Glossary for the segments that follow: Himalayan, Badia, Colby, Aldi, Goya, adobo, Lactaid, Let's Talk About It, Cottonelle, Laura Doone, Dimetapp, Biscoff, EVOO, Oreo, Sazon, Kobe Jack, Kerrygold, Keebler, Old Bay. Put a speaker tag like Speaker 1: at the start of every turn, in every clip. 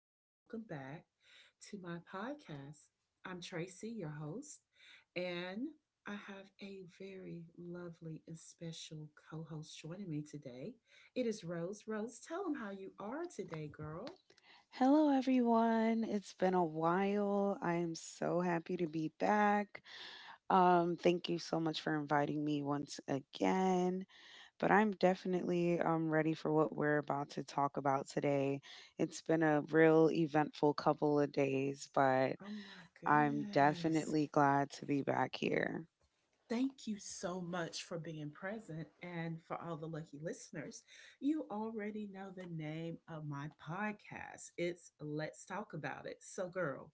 Speaker 1: and welcome back to my podcast. I'm Tracy, your host, and I have a very lovely and special co host joining me today. It is Rose. Rose, tell them how you are today, girl.
Speaker 2: Hello, everyone. It's been a while. I am so happy to be back. Thank you so much for inviting me once again. But I'm definitely ready for what we're about to talk about today. It's been a real eventful couple of days, but
Speaker 1: Oh, my
Speaker 2: I'm
Speaker 1: goodness.
Speaker 2: definitely glad to be back here.
Speaker 1: Thank you so much for being present and for all the lucky listeners. You already know the name of my podcast. It's Let's Talk About It. So, girl,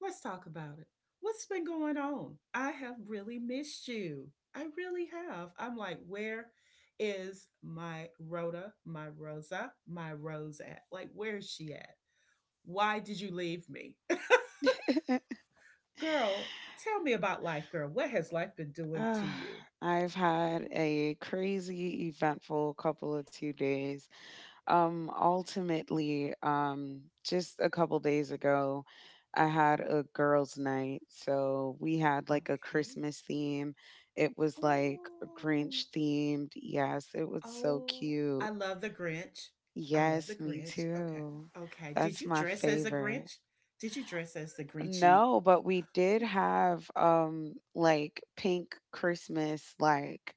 Speaker 1: let's talk about it. What's been going on? I have really missed you. I really have. I'm like, where is my Rhoda, my Rosa, my Rose at? Like, where is she at? Why did you leave me? Girl, tell me about life, girl. What has life been doing to
Speaker 2: Ah,
Speaker 1: you?
Speaker 2: I've had a crazy, eventful couple of 2 days. Ultimately, just a couple days ago, I had a girls' night. So we had like a
Speaker 1: Okay.
Speaker 2: Christmas theme. It was like
Speaker 1: Oh,
Speaker 2: Grinch themed. Yes, it was so
Speaker 1: oh, I
Speaker 2: cute.
Speaker 1: love the Grinch. I love the
Speaker 2: Yes, me
Speaker 1: Grinch. Okay.
Speaker 2: too.
Speaker 1: Okay. Did
Speaker 2: That's
Speaker 1: you
Speaker 2: my
Speaker 1: dress as a
Speaker 2: favorite.
Speaker 1: Grinch? Did you dress as the Grinchy?
Speaker 2: No, but we did have like pink Christmas like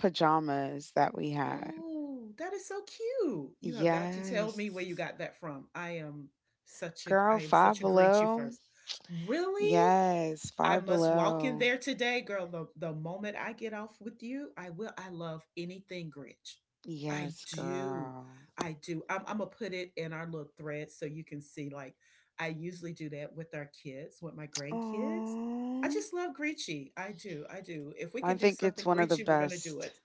Speaker 2: pajamas that we had.
Speaker 1: Oh, that is so cute. You have got to tell me where you
Speaker 2: Yes.
Speaker 1: got that from. I am such a
Speaker 2: Girl,
Speaker 1: I am
Speaker 2: five
Speaker 1: such a Grinchy
Speaker 2: below.
Speaker 1: first. Really?
Speaker 2: Yes,
Speaker 1: I
Speaker 2: Five
Speaker 1: must walk in
Speaker 2: Below.
Speaker 1: there today, girl. The moment I get off with you, I will. I love anything Grinch. I
Speaker 2: Yes,
Speaker 1: do.
Speaker 2: girl.
Speaker 1: I do. I'm going to put it in our little thread so you can see. Like, I usually do that with our kids, with my grandkids. I
Speaker 2: Oh,
Speaker 1: just love Grinch. I do. I do. If we
Speaker 2: I
Speaker 1: could do
Speaker 2: think it's
Speaker 1: something
Speaker 2: one of the
Speaker 1: Grinch, we're going to do
Speaker 2: best.
Speaker 1: it.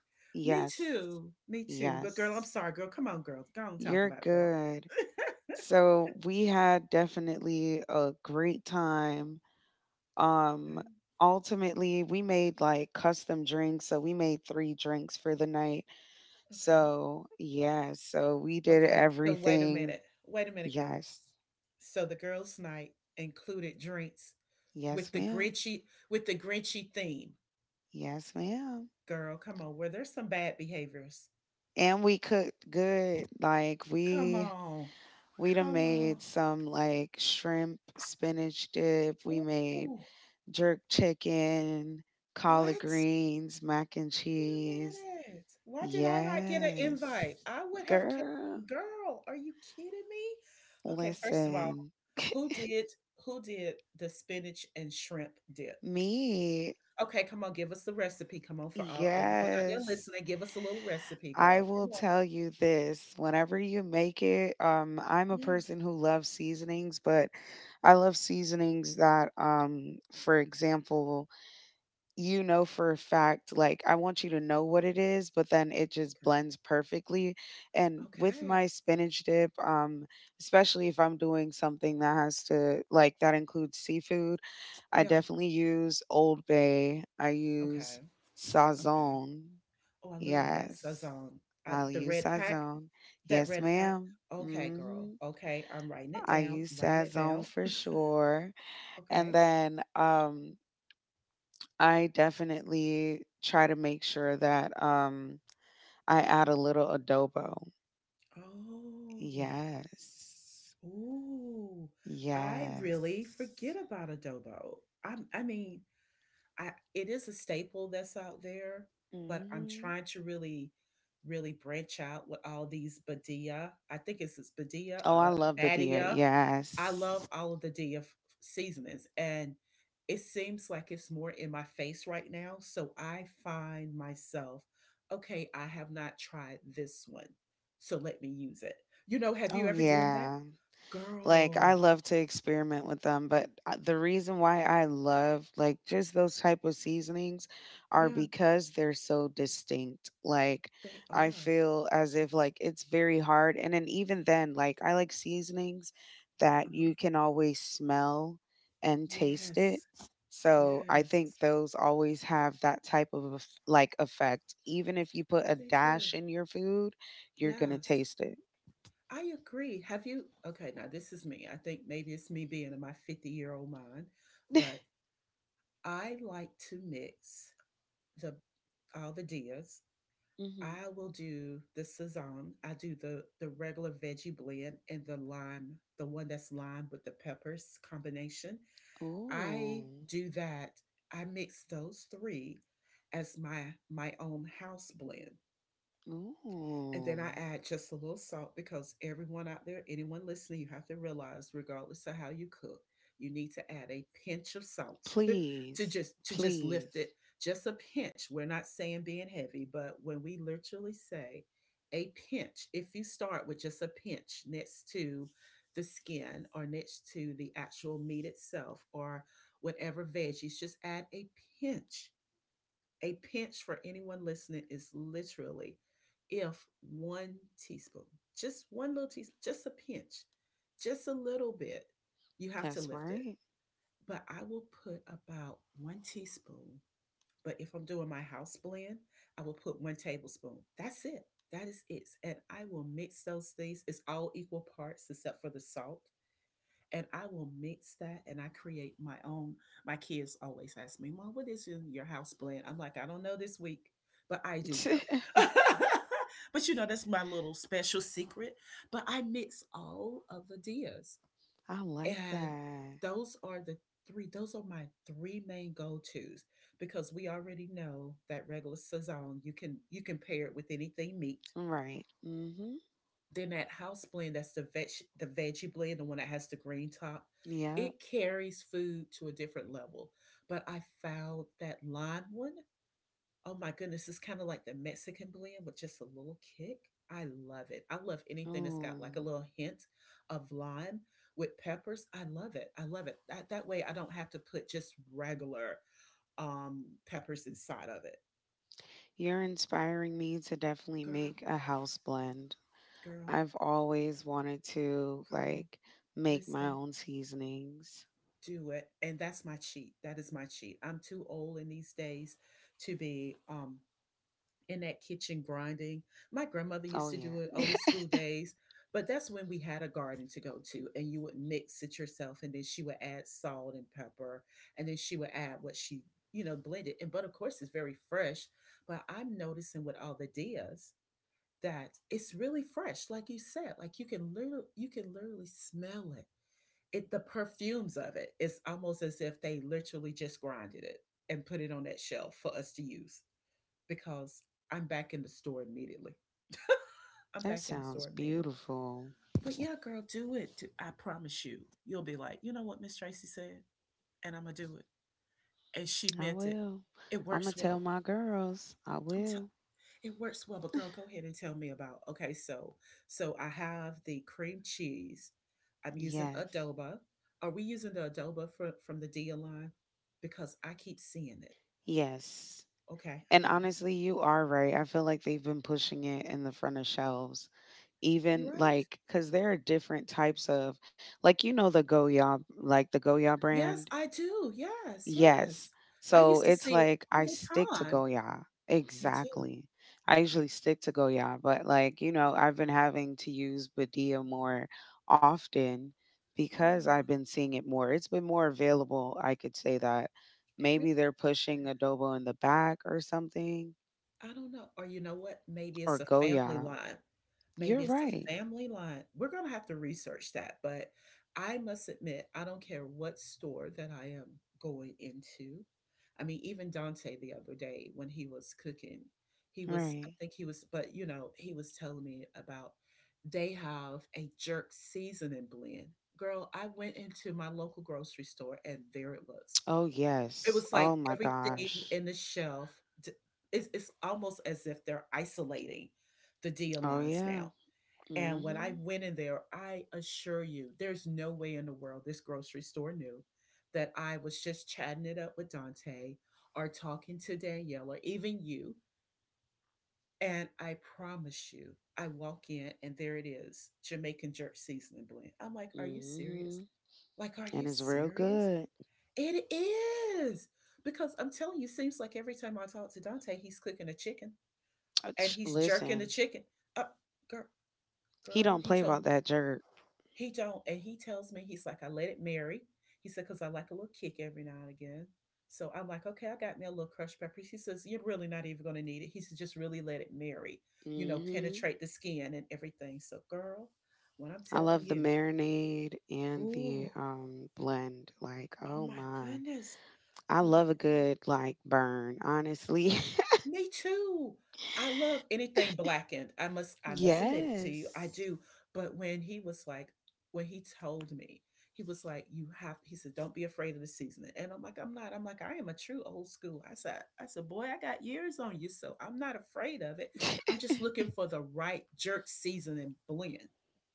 Speaker 1: Me
Speaker 2: Yes.
Speaker 1: too. Me too. But, girl, I'm
Speaker 2: Yes.
Speaker 1: sorry, girl. Come on, girl. Go on and talk
Speaker 2: You're
Speaker 1: about it, girl.
Speaker 2: good. So we had definitely a great time.
Speaker 1: Okay.
Speaker 2: Um Ultimately we made like custom drinks, so we made 3 drinks for the night.
Speaker 1: Okay.
Speaker 2: So, yes, so we did
Speaker 1: Okay. So, wait a
Speaker 2: everything.
Speaker 1: minute. Wait a minute, girl.
Speaker 2: Yes.
Speaker 1: So the girls' night included drinks with
Speaker 2: Yes,
Speaker 1: the
Speaker 2: ma'am.
Speaker 1: Grinchy with the Grinchy theme.
Speaker 2: Yes, ma'am.
Speaker 1: Girl, come on. Were there some bad behaviors?
Speaker 2: And we cooked good.
Speaker 1: Come on.
Speaker 2: We done
Speaker 1: Come
Speaker 2: made
Speaker 1: on.
Speaker 2: some like shrimp spinach dip. We made
Speaker 1: Ooh,
Speaker 2: jerk chicken, collard
Speaker 1: what?
Speaker 2: greens, mac and
Speaker 1: Wait a
Speaker 2: cheese.
Speaker 1: minute. Why did I not get an
Speaker 2: Yes.
Speaker 1: invite? I would have kept
Speaker 2: Girl,
Speaker 1: girl, are you kidding me? Okay, first of all,
Speaker 2: listen.
Speaker 1: who did who did the spinach and shrimp dip?
Speaker 2: Me,
Speaker 1: Okay, come on, give us the recipe. Come on, for all everyone out there
Speaker 2: yes.
Speaker 1: listening, give us a little recipe,
Speaker 2: I
Speaker 1: girl.
Speaker 2: will
Speaker 1: Come on.
Speaker 2: tell you this, whenever you make it, I'm a
Speaker 1: Yeah.
Speaker 2: person who loves seasonings, but I love seasonings that, for example, you know for a fact, like I want you to know what it is, but then it just blends perfectly. And with
Speaker 1: Okay.
Speaker 2: my spinach dip, especially if I'm doing something that has to, like, that includes seafood, I
Speaker 1: Yeah.
Speaker 2: definitely use Old Bay. I use
Speaker 1: Okay. Okay.
Speaker 2: Sazon.
Speaker 1: Oh, I love that
Speaker 2: Yes.
Speaker 1: sazon.
Speaker 2: I'll
Speaker 1: The
Speaker 2: use
Speaker 1: red pack.
Speaker 2: Sazone.
Speaker 1: That
Speaker 2: Yes,
Speaker 1: red pack.
Speaker 2: ma'am.
Speaker 1: Okay, girl.
Speaker 2: hmm
Speaker 1: Okay, I'm writing it
Speaker 2: I
Speaker 1: down.
Speaker 2: use
Speaker 1: I'm writing it down.
Speaker 2: Sazone for sure. And
Speaker 1: Okay.
Speaker 2: then I definitely try to make sure that I add a little adobo.
Speaker 1: Oh.
Speaker 2: Yes.
Speaker 1: Ooh. I
Speaker 2: Yes.
Speaker 1: really forget about adobo. I mean, I it is a staple that's out there, but I'm
Speaker 2: Hmm.
Speaker 1: trying to really, really branch out with all these Badia. I think it's Badia,
Speaker 2: Oh, I love Badia.
Speaker 1: Badia. I love
Speaker 2: Yes.
Speaker 1: all of the seasonings, and it seems like it's more in my face right now. So I find myself, okay, I have not tried this one, so let me use it. You know, have you
Speaker 2: Oh
Speaker 1: ever done that,
Speaker 2: yeah. Like, I
Speaker 1: girl?
Speaker 2: love to experiment with them, but, the reason why I love, like, just those type of seasonings are
Speaker 1: Yeah,
Speaker 2: because they're so distinct. Like,
Speaker 1: they
Speaker 2: I
Speaker 1: are.
Speaker 2: feel as if, like, it's very hard, and then even then, like, I like seasonings that
Speaker 1: Uh-huh.
Speaker 2: you can always smell and taste it.
Speaker 1: Yes,
Speaker 2: So, I think
Speaker 1: yes.
Speaker 2: those always have that type of effect. Even if you put a
Speaker 1: They do.
Speaker 2: dash in your food, you're gonna
Speaker 1: Yes.
Speaker 2: taste it.
Speaker 1: I agree. Have you? Okay, now this is me. I think maybe it's me being in my 50-year-old mind, but I like to mix the all the dias.
Speaker 2: Mhm.
Speaker 1: I will do the Saison. I do the regular veggie blend and the lime, the one that's lime with the peppers combination.
Speaker 2: Ooh.
Speaker 1: I do that. I mix those three as my own house blend. And then I
Speaker 2: Ooh.
Speaker 1: add just a little salt because everyone out there, anyone listening, you have to realize, regardless of how you cook, you need to add a pinch of salt to
Speaker 2: Please.
Speaker 1: just lift it.
Speaker 2: Please.
Speaker 1: Just a pinch. We're not saying being heavy, but when we literally say a pinch, if you start with just a pinch next to the skin or next to the actual meat itself or whatever veggies, just add a pinch. A pinch for anyone listening is literally if one teaspoon, just one little teaspoon, just a pinch, just a little bit, you have to
Speaker 2: That's
Speaker 1: lift it.
Speaker 2: right.
Speaker 1: But I will put about one teaspoon. But if I'm doing my house blend, I will put one tablespoon. That's it. That is it. And I will mix those things. It's all equal parts except for the salt and I will mix that and I create my own. My kids always ask me, Mom, what is in your house blend? I'm like, I don't know this week, but I do know. But you know, that's my little special secret. But I mix all of the dias.
Speaker 2: I like
Speaker 1: And
Speaker 2: that.
Speaker 1: those are the three, those are my three main go-tos because we already know that regular saison, you can pair it with anything meat
Speaker 2: Right. Mm-hmm.
Speaker 1: then that house blend, that's the veg, the veggie blend, the one that has the green top,
Speaker 2: Yep.
Speaker 1: it carries food to a different level. But I found that lime one, oh my goodness, it's kind of like the Mexican blend with just a little kick. I love it. I love anything that's got like a
Speaker 2: Ooh.
Speaker 1: little hint of lime with peppers. I love it. I love it. That way I don't have to put just regular peppers inside of it.
Speaker 2: You're inspiring me to definitely
Speaker 1: Girl,
Speaker 2: make a house blend.
Speaker 1: girl,
Speaker 2: I've always wanted to
Speaker 1: girl,
Speaker 2: like make my
Speaker 1: listen,
Speaker 2: own seasonings.
Speaker 1: do it, and that's my cheat. That is my cheat. I'm too old in these days to be in that kitchen grinding. My grandmother
Speaker 2: Oh
Speaker 1: used to do it
Speaker 2: yeah.
Speaker 1: old school days, but that's when we had a garden to go to and you would mix it yourself, and then she would add salt and pepper, and then she would add what she, you know, blended, and but of course it's very fresh. But I'm noticing with all the dias that it's really fresh, like you said. Like, you can literally, smell it it. The perfumes of it, it's almost as if they literally just grinded it and put it on that shelf for us to use, because I'm back in the store immediately. I'm
Speaker 2: That
Speaker 1: back in the
Speaker 2: sounds
Speaker 1: store immediately.
Speaker 2: beautiful.
Speaker 1: But yeah, girl, do it. I promise you, you'll be like, you know what Miss Tracy said, and I'm gonna do it, and she
Speaker 2: I
Speaker 1: meant it.
Speaker 2: will.
Speaker 1: It
Speaker 2: I'm gonna
Speaker 1: works
Speaker 2: tell
Speaker 1: well.
Speaker 2: my girls. I
Speaker 1: I'm telling,
Speaker 2: will.
Speaker 1: it works well, but girl, go ahead and tell me about. Okay, so so I have the cream cheese. I'm using
Speaker 2: Yes.
Speaker 1: adoba. Are we using the adoba from the Dia line? Because I keep seeing it.
Speaker 2: Yes.
Speaker 1: Okay, I
Speaker 2: And
Speaker 1: got it.
Speaker 2: honestly, you are right. I feel like they've been pushing it in the front of shelves.
Speaker 1: You
Speaker 2: Even
Speaker 1: right?
Speaker 2: like, because there are different types of, like, you know, the Goya, like the Goya
Speaker 1: Yes,
Speaker 2: brand.
Speaker 1: I do. Yes,
Speaker 2: Yes.
Speaker 1: yes. I
Speaker 2: So
Speaker 1: used to
Speaker 2: it's
Speaker 1: see it
Speaker 2: like
Speaker 1: all
Speaker 2: I
Speaker 1: the
Speaker 2: stick to
Speaker 1: time.
Speaker 2: Goya.
Speaker 1: Me too.
Speaker 2: Exactly. I usually stick to Goya, but like, you know, I've been having to use Badia more often
Speaker 1: Yeah,
Speaker 2: because I've been seeing it more. It's been more available. I could say that
Speaker 1: it really.
Speaker 2: maybe they're pushing adobo in the back or something
Speaker 1: I don't know. Or you know what? Maybe it's
Speaker 2: or
Speaker 1: a family
Speaker 2: Goya.
Speaker 1: line. Maybe
Speaker 2: You're
Speaker 1: it's a
Speaker 2: right.
Speaker 1: family line. We're going to have to research that. But I must admit, I don't care what store that I am going into. I mean, even Dante the other day when he was cooking, he was, I
Speaker 2: Right.
Speaker 1: think he was, but you know, he was telling me about they have a jerk seasoning blend. Girl, I went into my local grocery store and there it was.
Speaker 2: Oh
Speaker 1: It
Speaker 2: yes.
Speaker 1: was like
Speaker 2: Oh my
Speaker 1: everything
Speaker 2: gosh.
Speaker 1: in the shelf d it's almost as if they're isolating the deal
Speaker 2: Oh
Speaker 1: lines
Speaker 2: yeah.
Speaker 1: now, and when I
Speaker 2: Mhm.
Speaker 1: went in there, I assure you, there's no way in the world this grocery store knew that I was just chatting it up with Dante or talking to Danielle or even you, and I promise you, I walk in and there it is, Jamaican jerk seasoning blend. I'm like, "Are you serious?
Speaker 2: Mhm.
Speaker 1: Like, are you
Speaker 2: And it's real
Speaker 1: serious?"
Speaker 2: good.
Speaker 1: It is because I'm telling you, seems like every time I talk to Dante, he's cooking a chicken and
Speaker 2: Ach,
Speaker 1: he's jerking the
Speaker 2: listen,
Speaker 1: chicken. Uh, girl,
Speaker 2: he
Speaker 1: Girl,
Speaker 2: don't
Speaker 1: he
Speaker 2: play
Speaker 1: told
Speaker 2: about
Speaker 1: me
Speaker 2: that jerk.
Speaker 1: he don't, and he tells me he's like, I let it marry. He said because I like a little kick every now and again. So I'm like, okay, I got me a little crushed peppers. He says you're really not even going to need it. He says just really let it marry, you know,
Speaker 2: Mhm.
Speaker 1: penetrate the skin and everything. So girl, when I'm
Speaker 2: I
Speaker 1: telling
Speaker 2: love the
Speaker 1: you,
Speaker 2: marinade and the
Speaker 1: ooh,
Speaker 2: blend. Like,
Speaker 1: oh
Speaker 2: oh
Speaker 1: my
Speaker 2: my.
Speaker 1: goodness,
Speaker 2: I
Speaker 1: oh my
Speaker 2: love a
Speaker 1: goodness.
Speaker 2: good like burn, honestly.
Speaker 1: Me too. I love anything blackened. I must admit it to you. I
Speaker 2: Yes.
Speaker 1: do. But when he was like, when he told me, he was like, you have he said, don't be afraid of the seasoning. And I'm like, I'm not. I'm like, I am a true old school. I said, boy, I got years on you, so I'm not afraid of it. I'm just looking for the right jerk seasoning blend.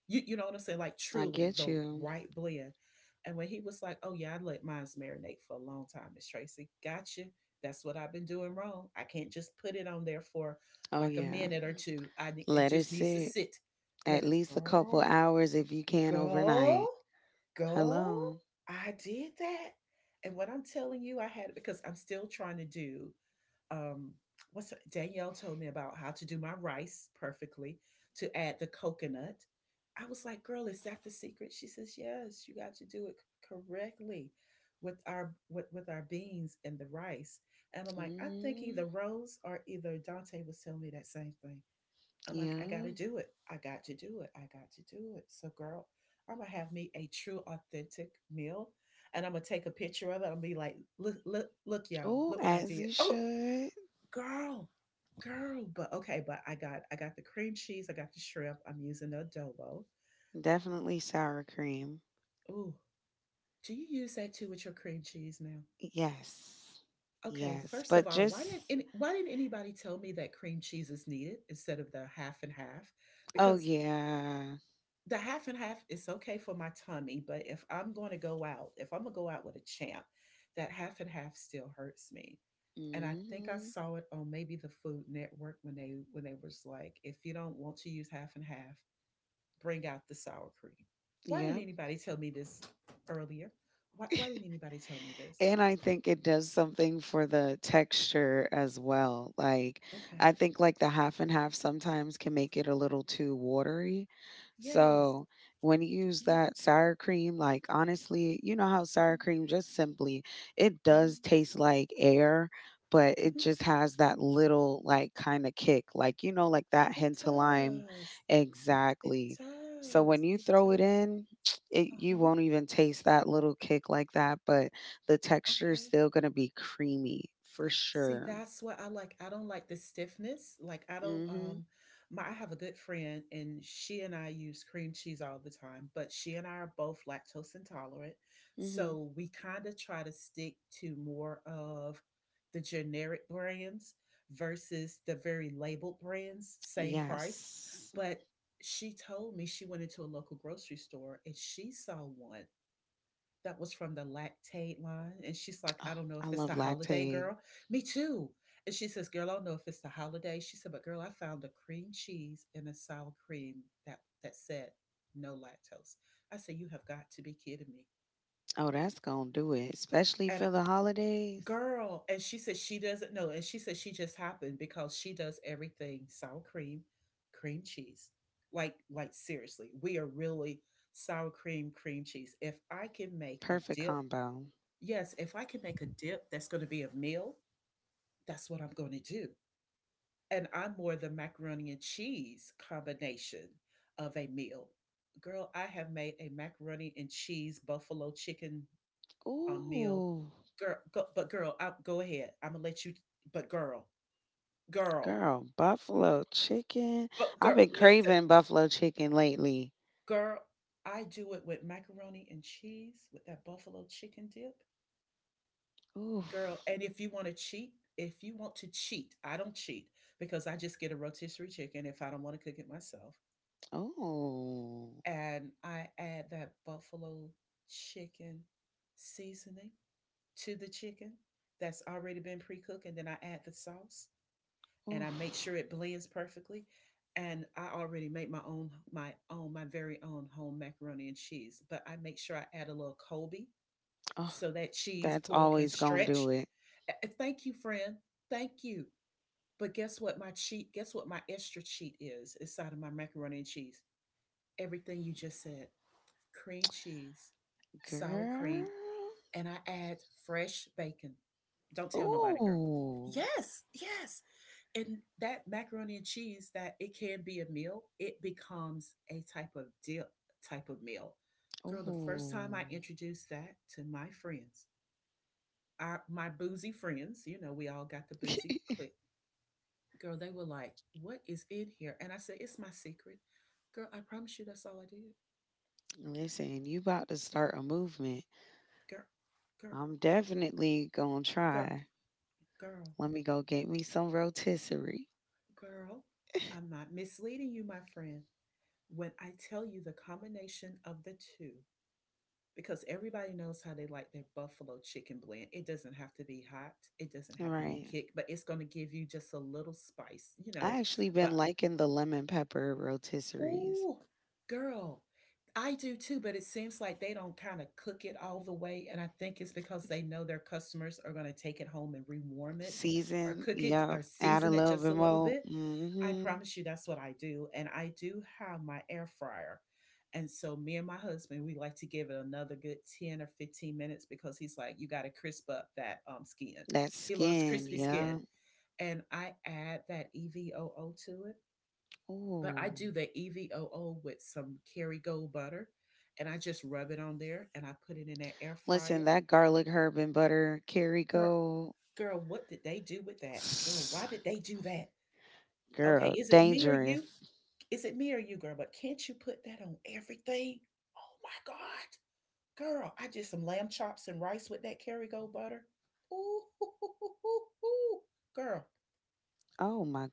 Speaker 1: You know what I'm saying? Like
Speaker 2: I
Speaker 1: truly
Speaker 2: get
Speaker 1: the
Speaker 2: you.
Speaker 1: right blend. And when he was like, oh yeah, I let mine marinate for a long time, Miss Tracy. Gotcha, that's what I've been doing wrong. I can't just put it on there for
Speaker 2: Oh
Speaker 1: like a
Speaker 2: yeah.
Speaker 1: minute or
Speaker 2: Mm.
Speaker 1: two. I it
Speaker 2: Let it
Speaker 1: just needs to
Speaker 2: sit.
Speaker 1: sit. Let
Speaker 2: At
Speaker 1: it
Speaker 2: least a couple
Speaker 1: go,
Speaker 2: hours if you can
Speaker 1: go,
Speaker 2: overnight.
Speaker 1: go.
Speaker 2: Hello.
Speaker 1: I did that. And what I'm telling you, I had because I'm still trying to do um Danielle told me about how to do my rice perfectly to add the coconut. I was like, "Girl, is that the secret?" She says, "Yes, you got to do it correctly with our beans and the rice." And I'm like, "I think
Speaker 2: Hmm.
Speaker 1: either Rose or either Dante was telling me that same thing." I'm like, "I got to
Speaker 2: Yeah.
Speaker 1: do it. I got to do it. I got to do it." So, girl, I'm gonna have me a true, authentic meal, and I'm gonna take a picture of it. I'm gonna be like, "Look, look, look, y'all!
Speaker 2: Oh,
Speaker 1: Look what I
Speaker 2: as
Speaker 1: did!"
Speaker 2: you
Speaker 1: Oh,
Speaker 2: should.
Speaker 1: girl, girl, but okay, but I got the cream cheese, I got the shrimp, I'm using the adobo.
Speaker 2: Definitely sour cream.
Speaker 1: Ooh, do you use that too with your cream cheese now?
Speaker 2: Yes.
Speaker 1: Okay,
Speaker 2: Yes.
Speaker 1: first of all, why didn't anybody tell me that cream cheese is needed instead of the half and half?
Speaker 2: Oh,
Speaker 1: Because
Speaker 2: yeah.
Speaker 1: the half and half is okay for my tummy, but if I'm going to go out if I'm going to go out with a champ, that half and half still hurts me. And I think I
Speaker 2: Hmm.
Speaker 1: saw it on maybe the Food Network when they was like, if you don't want to use half and half, bring out the sour cream. Why didn't
Speaker 2: Yep.
Speaker 1: anybody tell me this earlier? Why didn't anybody tell me this?
Speaker 2: And I think it does something for the texture as well. Like,
Speaker 1: Okay.
Speaker 2: I think like the half and half sometimes can make it a little too watery.
Speaker 1: Yes.
Speaker 2: So when you use
Speaker 1: Yeah.
Speaker 2: that sour cream, like honestly, you know how sour
Speaker 1: Hmm.
Speaker 2: cream just simply it
Speaker 1: Hmm.
Speaker 2: does taste like air, but it
Speaker 1: Hmm.
Speaker 2: just has that little like kind of kick, like you know, like that
Speaker 1: It
Speaker 2: hint of lime,
Speaker 1: does. It
Speaker 2: exactly. So
Speaker 1: does.
Speaker 2: when you
Speaker 1: It
Speaker 2: throw it
Speaker 1: does.
Speaker 2: in, it
Speaker 1: Uh
Speaker 2: you
Speaker 1: huh.
Speaker 2: won't even taste that little kick like that, but the texture is
Speaker 1: Okay.
Speaker 2: still gonna be creamy for
Speaker 1: See,
Speaker 2: sure.
Speaker 1: that's what I like. I don't like the stiffness. Like, I don't
Speaker 2: Mhm.
Speaker 1: my I have a good friend, and she and I use cream cheese all the time, but she and I are both lactose intolerant.
Speaker 2: Mhm.
Speaker 1: So we kind of try to stick to more of the generic brands versus the very labeled brands, same price.
Speaker 2: Yes.
Speaker 1: But she told me she went into a local grocery store and she saw one that was from the lactate line. And she's like,
Speaker 2: Oh,
Speaker 1: "I don't know
Speaker 2: I
Speaker 1: if it's
Speaker 2: love
Speaker 1: the holiday,
Speaker 2: lactaid.
Speaker 1: girl." Me too. And she says, "Girl, I don't know if it's the holiday." She said, "But girl, I found a cream cheese and a sour cream that said no lactose." I said, "You have got to be kidding me."
Speaker 2: Oh, that's gonna do it, especially
Speaker 1: And
Speaker 2: for the holidays.
Speaker 1: girl, and she said she doesn't know. And she said she just happened, because she does everything sour cream, cream cheese. Like, seriously, we are really sour cream, cream cheese. If I can make a
Speaker 2: Perfect
Speaker 1: dip.
Speaker 2: combo.
Speaker 1: Yes, if I can make a dip that's going to be a meal, that's what I'm going to do. And I'm more the macaroni and cheese combination of a meal. Girl, I have made a macaroni and cheese buffalo chicken meal.
Speaker 2: Ooh,
Speaker 1: Girl, go, but girl, go ahead. I'm gonna let you. But girl, girl,
Speaker 2: girl, buffalo chicken.
Speaker 1: but
Speaker 2: I've
Speaker 1: girl,
Speaker 2: been
Speaker 1: listen,
Speaker 2: craving buffalo chicken lately.
Speaker 1: girl. I do it with macaroni and cheese with that buffalo chicken dip.
Speaker 2: Oof.
Speaker 1: Girl, and if you want to cheat if you want to cheat, I don't cheat, because I just get a rotisserie chicken if I don't want to cook it myself.
Speaker 2: Oh.
Speaker 1: And I add that buffalo chicken seasoning to the chicken that's already been pre-cooked, and then I add the sauce and I make
Speaker 2: Oof.
Speaker 1: sure it blends perfectly. And I already make my very own home macaroni and cheese, but I make sure I add a little Colby
Speaker 2: Oh,
Speaker 1: so that cheese
Speaker 2: that's
Speaker 1: pool can
Speaker 2: always gonna do
Speaker 1: stretch.
Speaker 2: it.
Speaker 1: Thank you, friend. Thank you. But guess what my extra cheat is inside of my macaroni and cheese? Everything you just said. Cream cheese, sour
Speaker 2: Girl.
Speaker 1: cream, and I add fresh bacon. Don't tell nobody, girl.
Speaker 2: Ooh.
Speaker 1: Yes, yes. And that macaroni and cheese that it can be a meal, it becomes a type of dip type of meal. Girl, the first time
Speaker 2: Ooh.
Speaker 1: I introduced that to my friends, our my boozy friends, we all got the boozy clique. Girl, they were like, "What is in here?" And I said, "It's my secret." Girl, I promise you that's all I did.
Speaker 2: Listen, you about to start a movement.
Speaker 1: Girl, girl,
Speaker 2: I'm definitely gonna
Speaker 1: girl,
Speaker 2: try.
Speaker 1: girl,
Speaker 2: Let me go get me some rotisserie.
Speaker 1: girl. I'm not misleading you, my friend, when I tell you the combination of the two, because everybody knows how they like their buffalo chicken blend. It doesn't have to be hot, it doesn't have to be
Speaker 2: Right.
Speaker 1: kick, but it's going to give you just a little spice, you know.
Speaker 2: I actually been
Speaker 1: But
Speaker 2: liking the lemon pepper rotisseries.
Speaker 1: ooh, girl, I do too, but it seems like they don't kind of cook it all the way. And I think it's because they know their customers are going to take it home and rewarm it or
Speaker 2: Season,
Speaker 1: cook it
Speaker 2: yeah.
Speaker 1: or
Speaker 2: Add a
Speaker 1: season it
Speaker 2: little
Speaker 1: just a
Speaker 2: bit
Speaker 1: little
Speaker 2: more.
Speaker 1: bit. I
Speaker 2: Mm-hmm.
Speaker 1: promise you that's what I do. And I do have my air fryer. And so me and my husband, we like to give it another good 10 or 15 minutes, because he's like, you got to crisp up that skin.
Speaker 2: That
Speaker 1: He loves
Speaker 2: skin,
Speaker 1: crispy skin.
Speaker 2: yeah.
Speaker 1: And I add that EVOO to it, but I
Speaker 2: Ooh.
Speaker 1: do the EVOO with some Kerrygold butter, and I just rub it on there and I put it in that air fryer.
Speaker 2: Listen, that garlic, herb, and butter,
Speaker 1: Girl,
Speaker 2: Kerrygold.
Speaker 1: girl, what did they do with that? Girl, why did they do that? Okay,
Speaker 2: Girl,
Speaker 1: is it me or you?
Speaker 2: dangerous.
Speaker 1: Is it me or you, girl? But can't you put that on everything? Oh my God, girl, I did some lamb chops and rice with that Kerrygold butter. Ooh, hoo, hoo, hoo, hoo, hoo. Girl,
Speaker 2: Oh my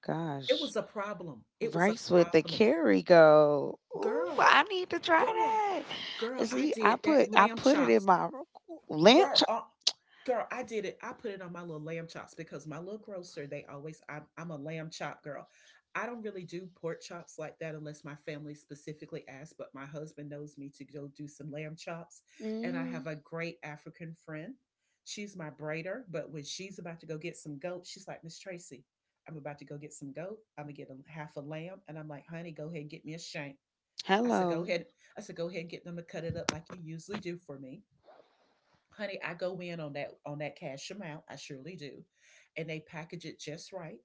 Speaker 1: it
Speaker 2: gosh.
Speaker 1: was a problem. It was a
Speaker 2: Rice with the
Speaker 1: problem,
Speaker 2: curry go. Ooh,
Speaker 1: girl,
Speaker 2: I need to try
Speaker 1: girl,
Speaker 2: that.
Speaker 1: girl. I
Speaker 2: See,
Speaker 1: did that
Speaker 2: I
Speaker 1: lamb
Speaker 2: put it in
Speaker 1: chops.
Speaker 2: my lamp.
Speaker 1: Girl,
Speaker 2: Chop.
Speaker 1: girl, I did it. I put it on my little lamb chops, because my little grocer, they always, I'm a lamb chop girl. I don't really do pork chops like that unless my family specifically asks, but my husband knows me to go do some lamb chops. And I
Speaker 2: Mm,
Speaker 1: have a great African friend, she's my braider, but when she's about to go get some goat, she's like, "Miss Tracy, I'm about to go get some goat, I'm gonna get a half a lamb," and I'm like, "Honey, go ahead and get me a shank." I said, "Go
Speaker 2: hello,
Speaker 1: ahead." I said, "Go ahead and get them to cut it up like you usually do for me." Honey, I go in on that cash amount, I surely do. And they package it just right.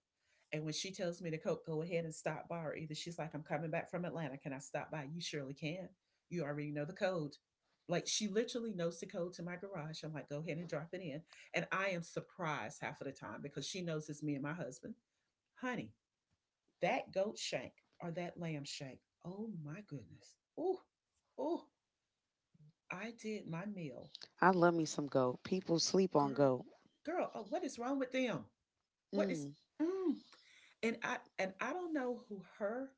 Speaker 1: And when she tells me to go ahead and stop by, or either she's like, "I'm coming back from Atlanta, can I stop by?" You surely can. You already know the code. Like, she literally knows the code to my garage. I'm like, "Go ahead and drop it in." And I am surprised half of the time, because she knows it's me and my husband. Honey, that goat shank or that lamb shank, oh my goodness. Oh. Oh. I did my meal.
Speaker 2: I love me some goat. People sleep on
Speaker 1: Girl,
Speaker 2: goat.
Speaker 1: girl, oh, what is wrong with them? What is,
Speaker 2: Mm,
Speaker 1: mm. And I don't know who her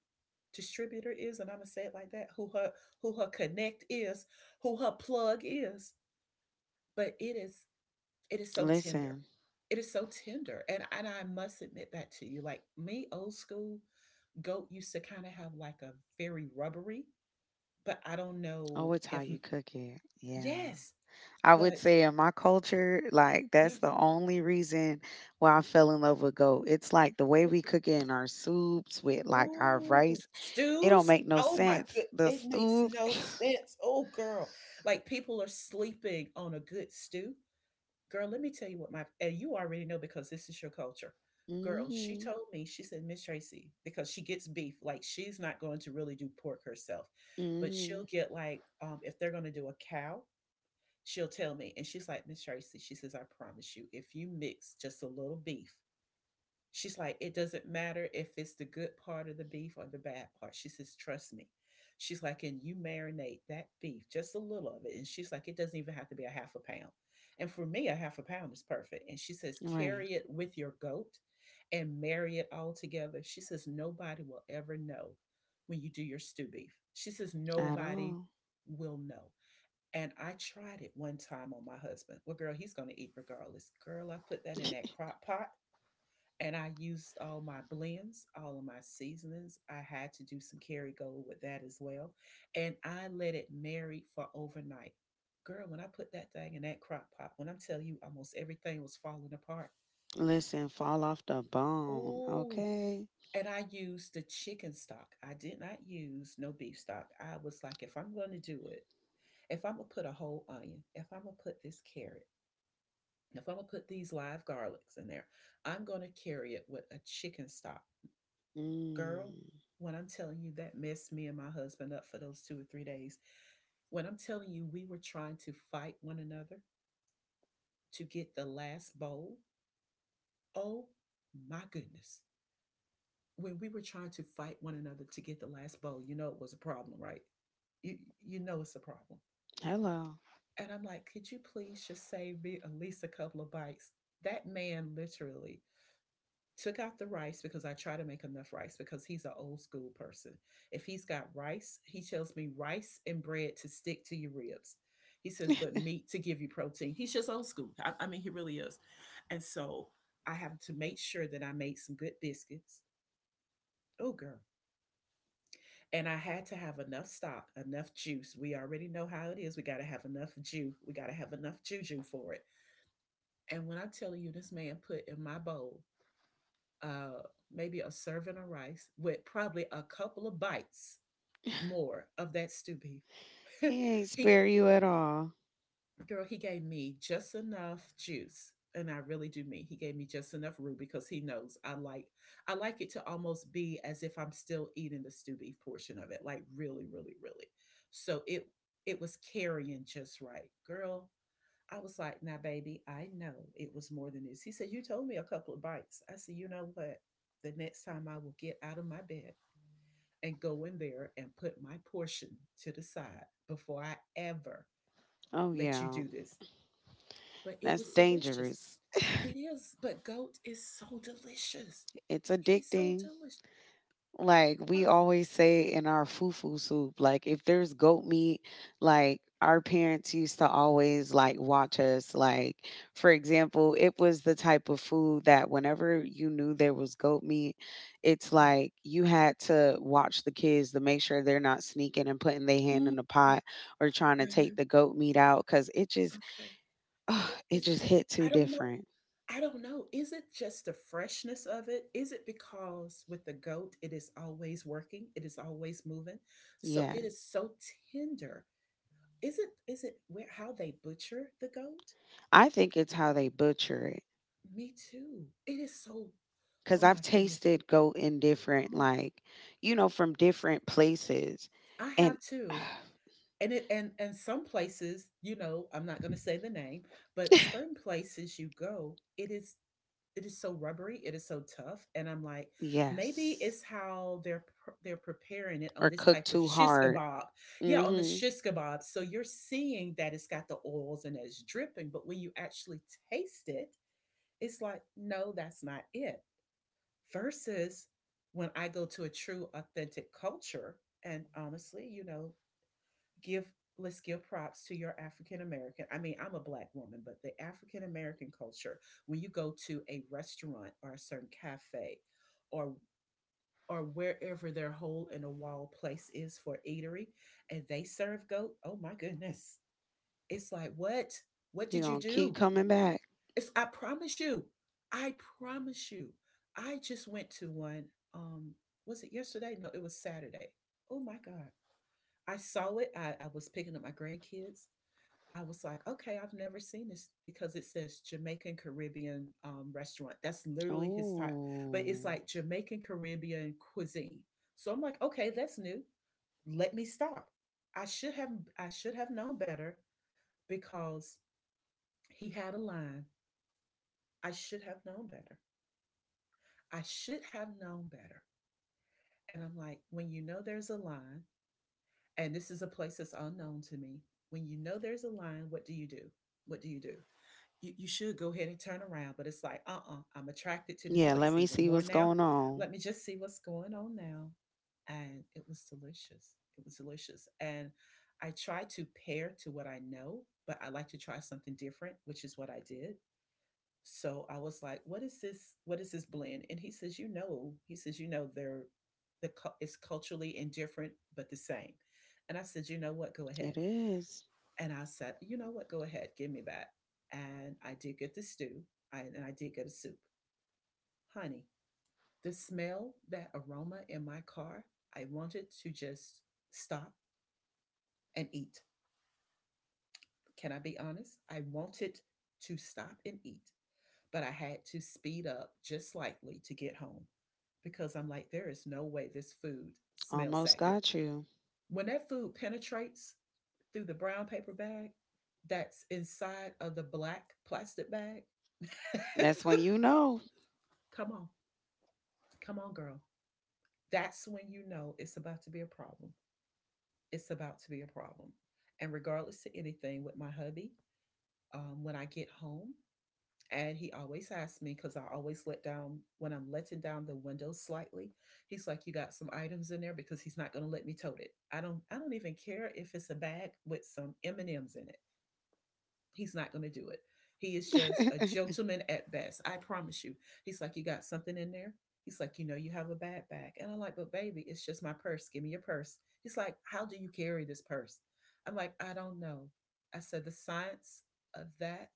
Speaker 1: distributor is, and I'm gonna say it like that, who her connect is, who her plug is, but it is so tender.
Speaker 2: listen,
Speaker 1: It is so tender. And I must admit that to you. Like me, old school, goat used to kind of have like a very rubbery, but I don't know
Speaker 2: oh, it's how
Speaker 1: if.
Speaker 2: you cook it. Yeah,
Speaker 1: Yes,
Speaker 2: I would
Speaker 1: but
Speaker 2: say in my culture, like
Speaker 1: yeah,
Speaker 2: that's the only reason why I fell in love with goat. It's like the way we cook it in our soups with like our
Speaker 1: ooh,
Speaker 2: rice. It don't
Speaker 1: stews?
Speaker 2: make no
Speaker 1: Oh my good,
Speaker 2: sense. The
Speaker 1: it makes
Speaker 2: soup.
Speaker 1: no sense. Oh girl, like, people are sleeping on a good stew. Girl, let me tell you what my and you already know, because this is your culture. Girl, she
Speaker 2: Hmm.
Speaker 1: told me, she said, "Miss Tracy," because she gets beef, like, she's not going to really do pork herself, but she'll
Speaker 2: Hmm.
Speaker 1: get like, if they're going to do a cow, she'll tell me. And she's like, "Miss Tracy," she says, "I promise you, if you mix just a little beef." She's like, "It doesn't matter if it's the good part of the beef or the bad part." She says, "Trust me." She's like, "And you marinate that beef, just a little of it." And she's like, "It doesn't even have to be a half a pound." And for me, a half a pound is perfect. And she says,
Speaker 2: Right.
Speaker 1: "Carry it with your goat and marry it all together." She says, "Nobody will ever know when you do your stew beef." She says,
Speaker 2: At
Speaker 1: "Nobody
Speaker 2: all.
Speaker 1: will know." And I tried it one time on my husband. Well, girl, he's going to eat regardless. Girl, I put that in that crock pot and I used all my blends, all of my seasonings. I had to do some carry gold with that as well. And I let it marinate for overnight. Girl, when I put that thing in that crock pot, when I'm telling you, almost everything was falling apart.
Speaker 2: Listen, fall off the bone,
Speaker 1: Oh,
Speaker 2: okay?
Speaker 1: and I used the chicken stock. I did not use no beef stock. I was like, if I'm going to do it, if I'm going to put a whole onion, if I'm going to put this carrot, if I'm going to put these live garlics in there, I'm going to carry it with a chicken stock. Girl,
Speaker 2: Mm.
Speaker 1: when I'm telling you that messed me and my husband up for those 2 or 3 days, when I'm telling you we were trying to fight one another to get the last bowl, oh my goodness. When we were trying to fight one another to get the last bowl, you know it was a problem, right? You you know it's a problem.
Speaker 2: Hello.
Speaker 1: And I'm like, could you please just save me at least a couple of bites? That man literally took out the rice because I try to make enough rice because he's an old school person. If he's got rice, he tells me rice and bread to stick to your ribs. He says, but meat to give you protein. He's just old school. I mean, he really is. And so I have to make sure that I made some good biscuits. Oh, girl. And I had to have enough stock, enough juice. We already know how it is. We got to have enough juice. We got to have enough juju for it. And when I'm telling you, this man put in my bowl uh, maybe a serving of rice with probably a couple of bites more of that stew beef.
Speaker 2: He ain't
Speaker 1: he, g-
Speaker 2: spare you at all.
Speaker 1: girl, he gave me just enough juice, and I really do mean he gave me just enough roux because he knows I like it to almost be as if I'm still eating the stew beef portion of it, like really, really, really. So it was carrying just right, girl. I was like, now, baby, I know it was more than this. He said, you told me a couple of bites. I said, you know what? The next time I will get out of my bed and go in there and put my portion to the side before I ever
Speaker 2: Oh,
Speaker 1: let you
Speaker 2: yeah.
Speaker 1: do this. But it
Speaker 2: That's
Speaker 1: was delicious.
Speaker 2: dangerous.
Speaker 1: It is, but goat is so delicious.
Speaker 2: It's
Speaker 1: It is so
Speaker 2: addicting.
Speaker 1: delicious.
Speaker 2: Like
Speaker 1: My,
Speaker 2: we always say in our fufu soup, like if there's goat meat, like our parents used to always like watch us. Like, for example, it was the type of food that whenever you knew there was goat meat, it's
Speaker 1: no.
Speaker 2: like you had to watch the kids to make sure they're not sneaking and putting their hand
Speaker 1: Mm,
Speaker 2: in the pot or trying to
Speaker 1: okay,
Speaker 2: take the goat meat out because it just,
Speaker 1: okay. It
Speaker 2: it
Speaker 1: is.
Speaker 2: just hit
Speaker 1: I
Speaker 2: too
Speaker 1: don't know.
Speaker 2: different.
Speaker 1: I don't know. Is it just the freshness of it? Is it because with the goat, it is always working, it is always moving, so it is
Speaker 2: Yes.
Speaker 1: so tender. Is it? Is it where how they butcher the goat?
Speaker 2: I think it's how they butcher it
Speaker 1: Me too. It is so. Oh
Speaker 2: because I've
Speaker 1: my goodness.
Speaker 2: tasted goat in different,
Speaker 1: Oh,
Speaker 2: like, you know, from different places.
Speaker 1: I
Speaker 2: And
Speaker 1: have too. And it and some places, you know, I'm not going to say the name, but certain places you go, it is so rubbery, it is so tough, and I'm like, maybe
Speaker 2: yes,
Speaker 1: it's how they're preparing it on
Speaker 2: or
Speaker 1: this
Speaker 2: cook
Speaker 1: type of
Speaker 2: too
Speaker 1: shish
Speaker 2: hard.
Speaker 1: kebab. Yeah, on the
Speaker 2: Mm-hmm.
Speaker 1: shish kebab. So you're seeing that it's got the oils and it's dripping, but when you actually taste it, it's like, no, that's not it. Versus when I go to a true authentic culture, and honestly, you know, give let's give props to your African American. I mean, I'm a black woman, but the African American culture, when you go to a restaurant or a certain cafe or or wherever their hole in a wall place is for eatery and they serve goat, oh my goodness. It's like, what? What did
Speaker 2: You're
Speaker 1: you
Speaker 2: going to keep
Speaker 1: do?
Speaker 2: coming back.
Speaker 1: It's I promise you. I promise you. I just went to one um was it yesterday? No, it was Saturday. Oh my God. I saw it. I was picking up my grandkids. I was like, okay, I've never seen this because it says Jamaican Caribbean restaurant. That's literally his type, but it's
Speaker 2: Oh,
Speaker 1: like Jamaican Caribbean cuisine. So I'm like, okay, that's new. Let me stop. I should have I should have known better because he had a line. I should have known better. I should have known better. And I'm like, when you know there's a line, and this is a place that's unknown to me, when you know there's a line, what do you do? What do you do? You should go ahead and turn around. But it's like, uh-uh, I'm attracted to this
Speaker 2: yeah.
Speaker 1: place
Speaker 2: Let me
Speaker 1: even
Speaker 2: see
Speaker 1: more
Speaker 2: what's
Speaker 1: now.
Speaker 2: going on.
Speaker 1: Let me just see what's going on now. And it was delicious. It was delicious. And I try to pair to what I know, but I like to try something different, which is what I did. So I was like, what is this? What is this blend? And he says, you know, he says, you know, it's culturally indifferent, but the same. And I said, you know what? Go ahead.
Speaker 2: It is.
Speaker 1: And I said, you know what? Go ahead, give me that. And I did get the stew and I did get a soup. Honey, the smell, that aroma in my car, I wanted to just stop and eat. Can I be honest? I wanted to stop and eat, but I had to speed up just slightly to get home because I'm like, there is no way this food smells
Speaker 2: Almost
Speaker 1: that good.
Speaker 2: got you.
Speaker 1: When that food penetrates through the brown paper bag that's inside of the black plastic bag,
Speaker 2: That's when you know.
Speaker 1: come on. Come on, girl. That's when you know it's about to be a problem. It's about to be a problem. And regardless to anything with my hubby, when I get home, and he always asks me because I always let down when I'm letting down the window slightly. He's like, "You got some items in there?" Because he's not going to let me tote it. I don't. I don't even care if it's a bag with some M&M's in it. He's not going to do it. He is just a gentleman at best. I promise you. He's like, you got something in there? He's like, you know, you have a bad bag. And I'm like, but baby, it's just my purse. Give me your purse. He's like, how do you carry this purse? I'm like, I don't know. I said, the science of that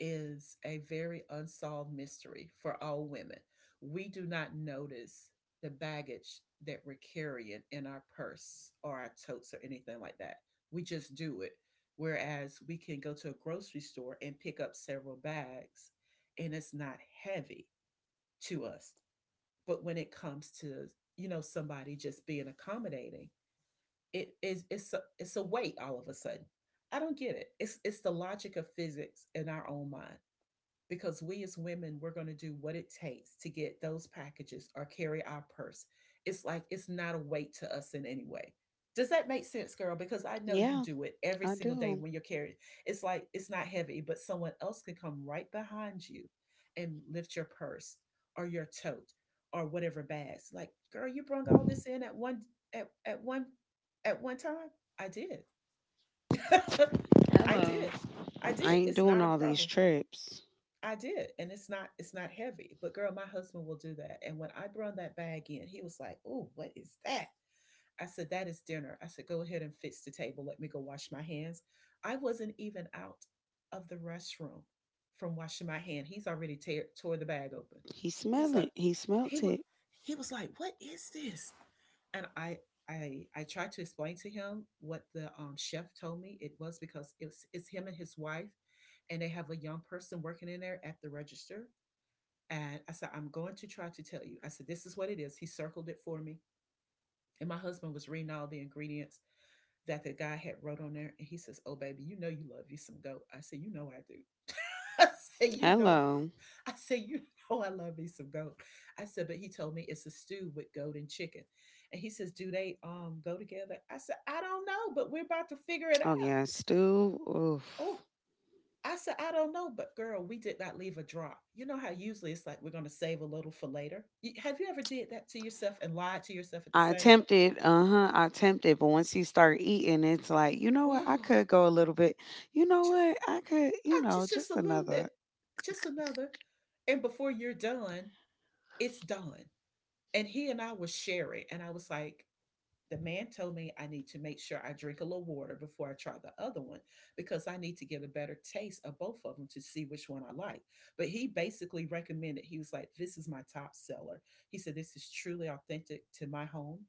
Speaker 1: is a very unsolved mystery for all women. We do not notice the baggage that we're carrying in our purse or our totes or anything like that. We just do it. Whereas we can go to a grocery store and pick up several bags and it's not heavy to us. But when it comes to, you know, somebody just being accommodating, it's a weight all of a sudden. I don't get it. It's the logic of physics in our own mind because we as women we're going to do what it takes to get those packages or carry our purse, it's like it's not a weight to us in any way. Does that make sense, girl? Because I know you
Speaker 2: Yeah,
Speaker 1: do it every
Speaker 2: I
Speaker 1: single day
Speaker 2: do.
Speaker 1: when you're carrying, it's like it's not heavy but someone else can come right behind you and lift your purse or your tote or whatever bags, like, girl, you brung all this in at, at one at one time. I did. i
Speaker 2: Hello.
Speaker 1: did i
Speaker 2: I
Speaker 1: did
Speaker 2: ain't
Speaker 1: It's
Speaker 2: doing
Speaker 1: not a
Speaker 2: all these
Speaker 1: problem.
Speaker 2: trips.
Speaker 1: I did, and it's not heavy. But girl, my husband will do that. And when I brought that bag in, he was like, "Oh, what is that?" I said, that is dinner. I said, go ahead and fix the table. Let me go wash my hands. I wasn't even out of the restroom from washing my hand. He's already tore the bag open.
Speaker 2: He
Speaker 1: He's
Speaker 2: smell
Speaker 1: like,
Speaker 2: it. He
Speaker 1: he
Speaker 2: smelt
Speaker 1: was
Speaker 2: it.
Speaker 1: he was like, what is this? And I tried to explain to him what the chef told me it was because it's him and his wife and they have a young person working in there at the register. And I said, I'm going to try to tell you. I said, this is what it is. He circled it for me. And my husband was reading all the ingredients that the guy had wrote on there. And he says, oh, baby, you know you love you some goat. I said, you know I do. I say, you know,
Speaker 2: Hello.
Speaker 1: I say, you know I love me some goat. I said, but he told me it's a stew with goat and chicken. And he says, do they go together? I said, I don't know, but we're about to figure it out.
Speaker 2: Oh yeah, stew. Oof.
Speaker 1: Oh, I said, I don't know, but girl, we did not leave a drop. You know how usually it's like we're going to save a little for later. Have you ever did that to yourself and lied to yourself at the
Speaker 2: I
Speaker 1: same time?
Speaker 2: attempted, uh-huh, I attempted, but once you start eating, it's like, you know what, I
Speaker 1: Oh,
Speaker 2: could go a little bit. You know
Speaker 1: just
Speaker 2: what, I could, you know,
Speaker 1: Just
Speaker 2: just
Speaker 1: a little bit,
Speaker 2: another.
Speaker 1: just another. And before you're done, it's done. And he and I was sharing, and I was like, the man told me I need to make sure I drink a little water before I try the other one because I need to get a better taste of both of them to see which one I like. But he basically recommended, he was like, "This is my top seller." He said, "This is truly authentic to my home,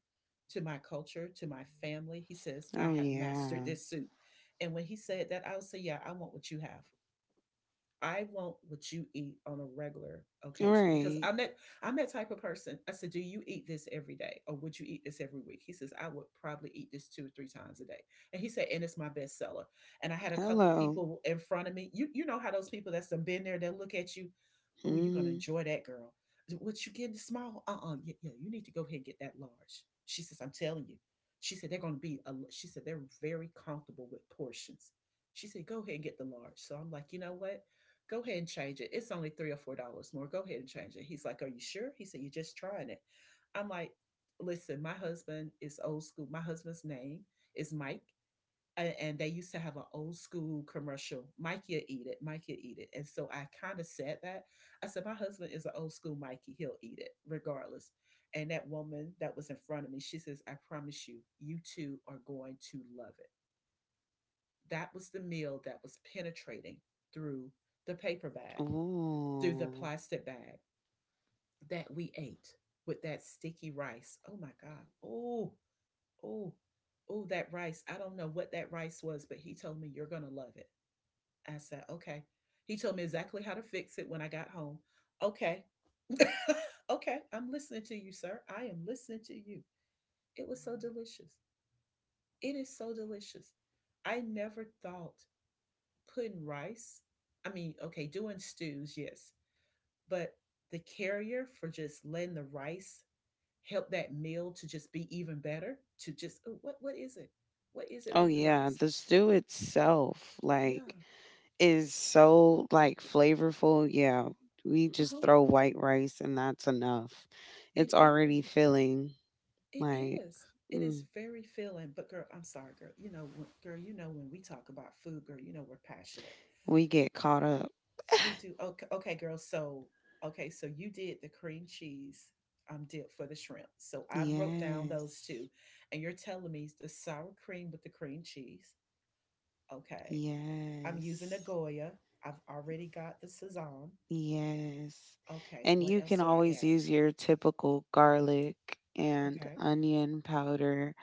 Speaker 1: to my culture, to my family." He says, "I
Speaker 2: Oh
Speaker 1: have mastered
Speaker 2: yeah,
Speaker 1: this soup." And when he said that, I would say, "Yeah, I want what you have. I want what you eat on a regular occasion because
Speaker 2: right.
Speaker 1: I'm that type of person." I said, "Do you eat this every day, or would you eat this every week?" He says, "I would probably eat this 2 or 3 times a day," and he said, "And it's my best seller." And I had a couple of
Speaker 2: Hello.
Speaker 1: people in front of me. You know how those people that's done been there, they look at you, "Oh, you're gonna
Speaker 2: Mm.
Speaker 1: enjoy that, girl." What you getting small? Yeah, yeah, you need to go ahead and get that large. She says, "I'm telling you." She said they're gonna be. A, she said they're very comfortable with portions. She said, "Go ahead and get the large." So I'm like, you know what? Go ahead and change it. It's only $3 or $4 more. Go ahead and change it. He's like, "Are you sure?" He said, "You're just trying it." I'm like, "Listen, my husband is old school. My husband's name is Mike." And they used to have an old school commercial, "Mikey'll eat it, Mikey'll eat it." And so I kind of said that. I said, "My husband is an old school Mikey, he'll eat it regardless." And that woman that was in front of me, she says, "I promise you, you two are going to love it." That was the meal that was penetrating through the paper bag, through the
Speaker 2: Oh,
Speaker 1: plastic bag that we ate with that sticky rice. Oh my God. Oh, oh, oh, that rice. I don't know what that rice was, but he told me, "You're going to love it." I said, "Okay." He told me exactly how to fix it when I got home. Okay. Okay. I'm listening to you, sir. I am listening to you. It was so delicious. It is so delicious. I never thought putting rice, I mean, okay, doing stews, yes. But the carrier for just letting the rice help that meal to just be even better, to just oh, what is it? What is it
Speaker 2: oh
Speaker 1: with the
Speaker 2: yeah.
Speaker 1: rice?
Speaker 2: The stew itself,
Speaker 1: Yeah.
Speaker 2: like, is so like flavorful. Yeah, we just
Speaker 1: Uh-huh.
Speaker 2: throw white rice and that's enough. It's
Speaker 1: It
Speaker 2: already
Speaker 1: is.
Speaker 2: filling.
Speaker 1: It
Speaker 2: Like,
Speaker 1: is. It
Speaker 2: mm,
Speaker 1: is very filling. But girl, I'm sorry, girl. You know, when, girl, you know when we talk about food, girl, you know we're passionate.
Speaker 2: we get caught up.
Speaker 1: We do. Okay, okay, girl. So, okay, so you did the cream cheese dip for the shrimp. So I've wrote down
Speaker 2: Yes.
Speaker 1: those two, and you're telling me it's the sour cream with the cream cheese. Okay, I'm using the
Speaker 2: Yes.
Speaker 1: Goya. I've already got the Cezanne.
Speaker 2: Yes.
Speaker 1: Okay,
Speaker 2: And
Speaker 1: what
Speaker 2: you
Speaker 1: else
Speaker 2: can
Speaker 1: do I
Speaker 2: always
Speaker 1: add?
Speaker 2: use your typical garlic and
Speaker 1: Okay,
Speaker 2: onion powder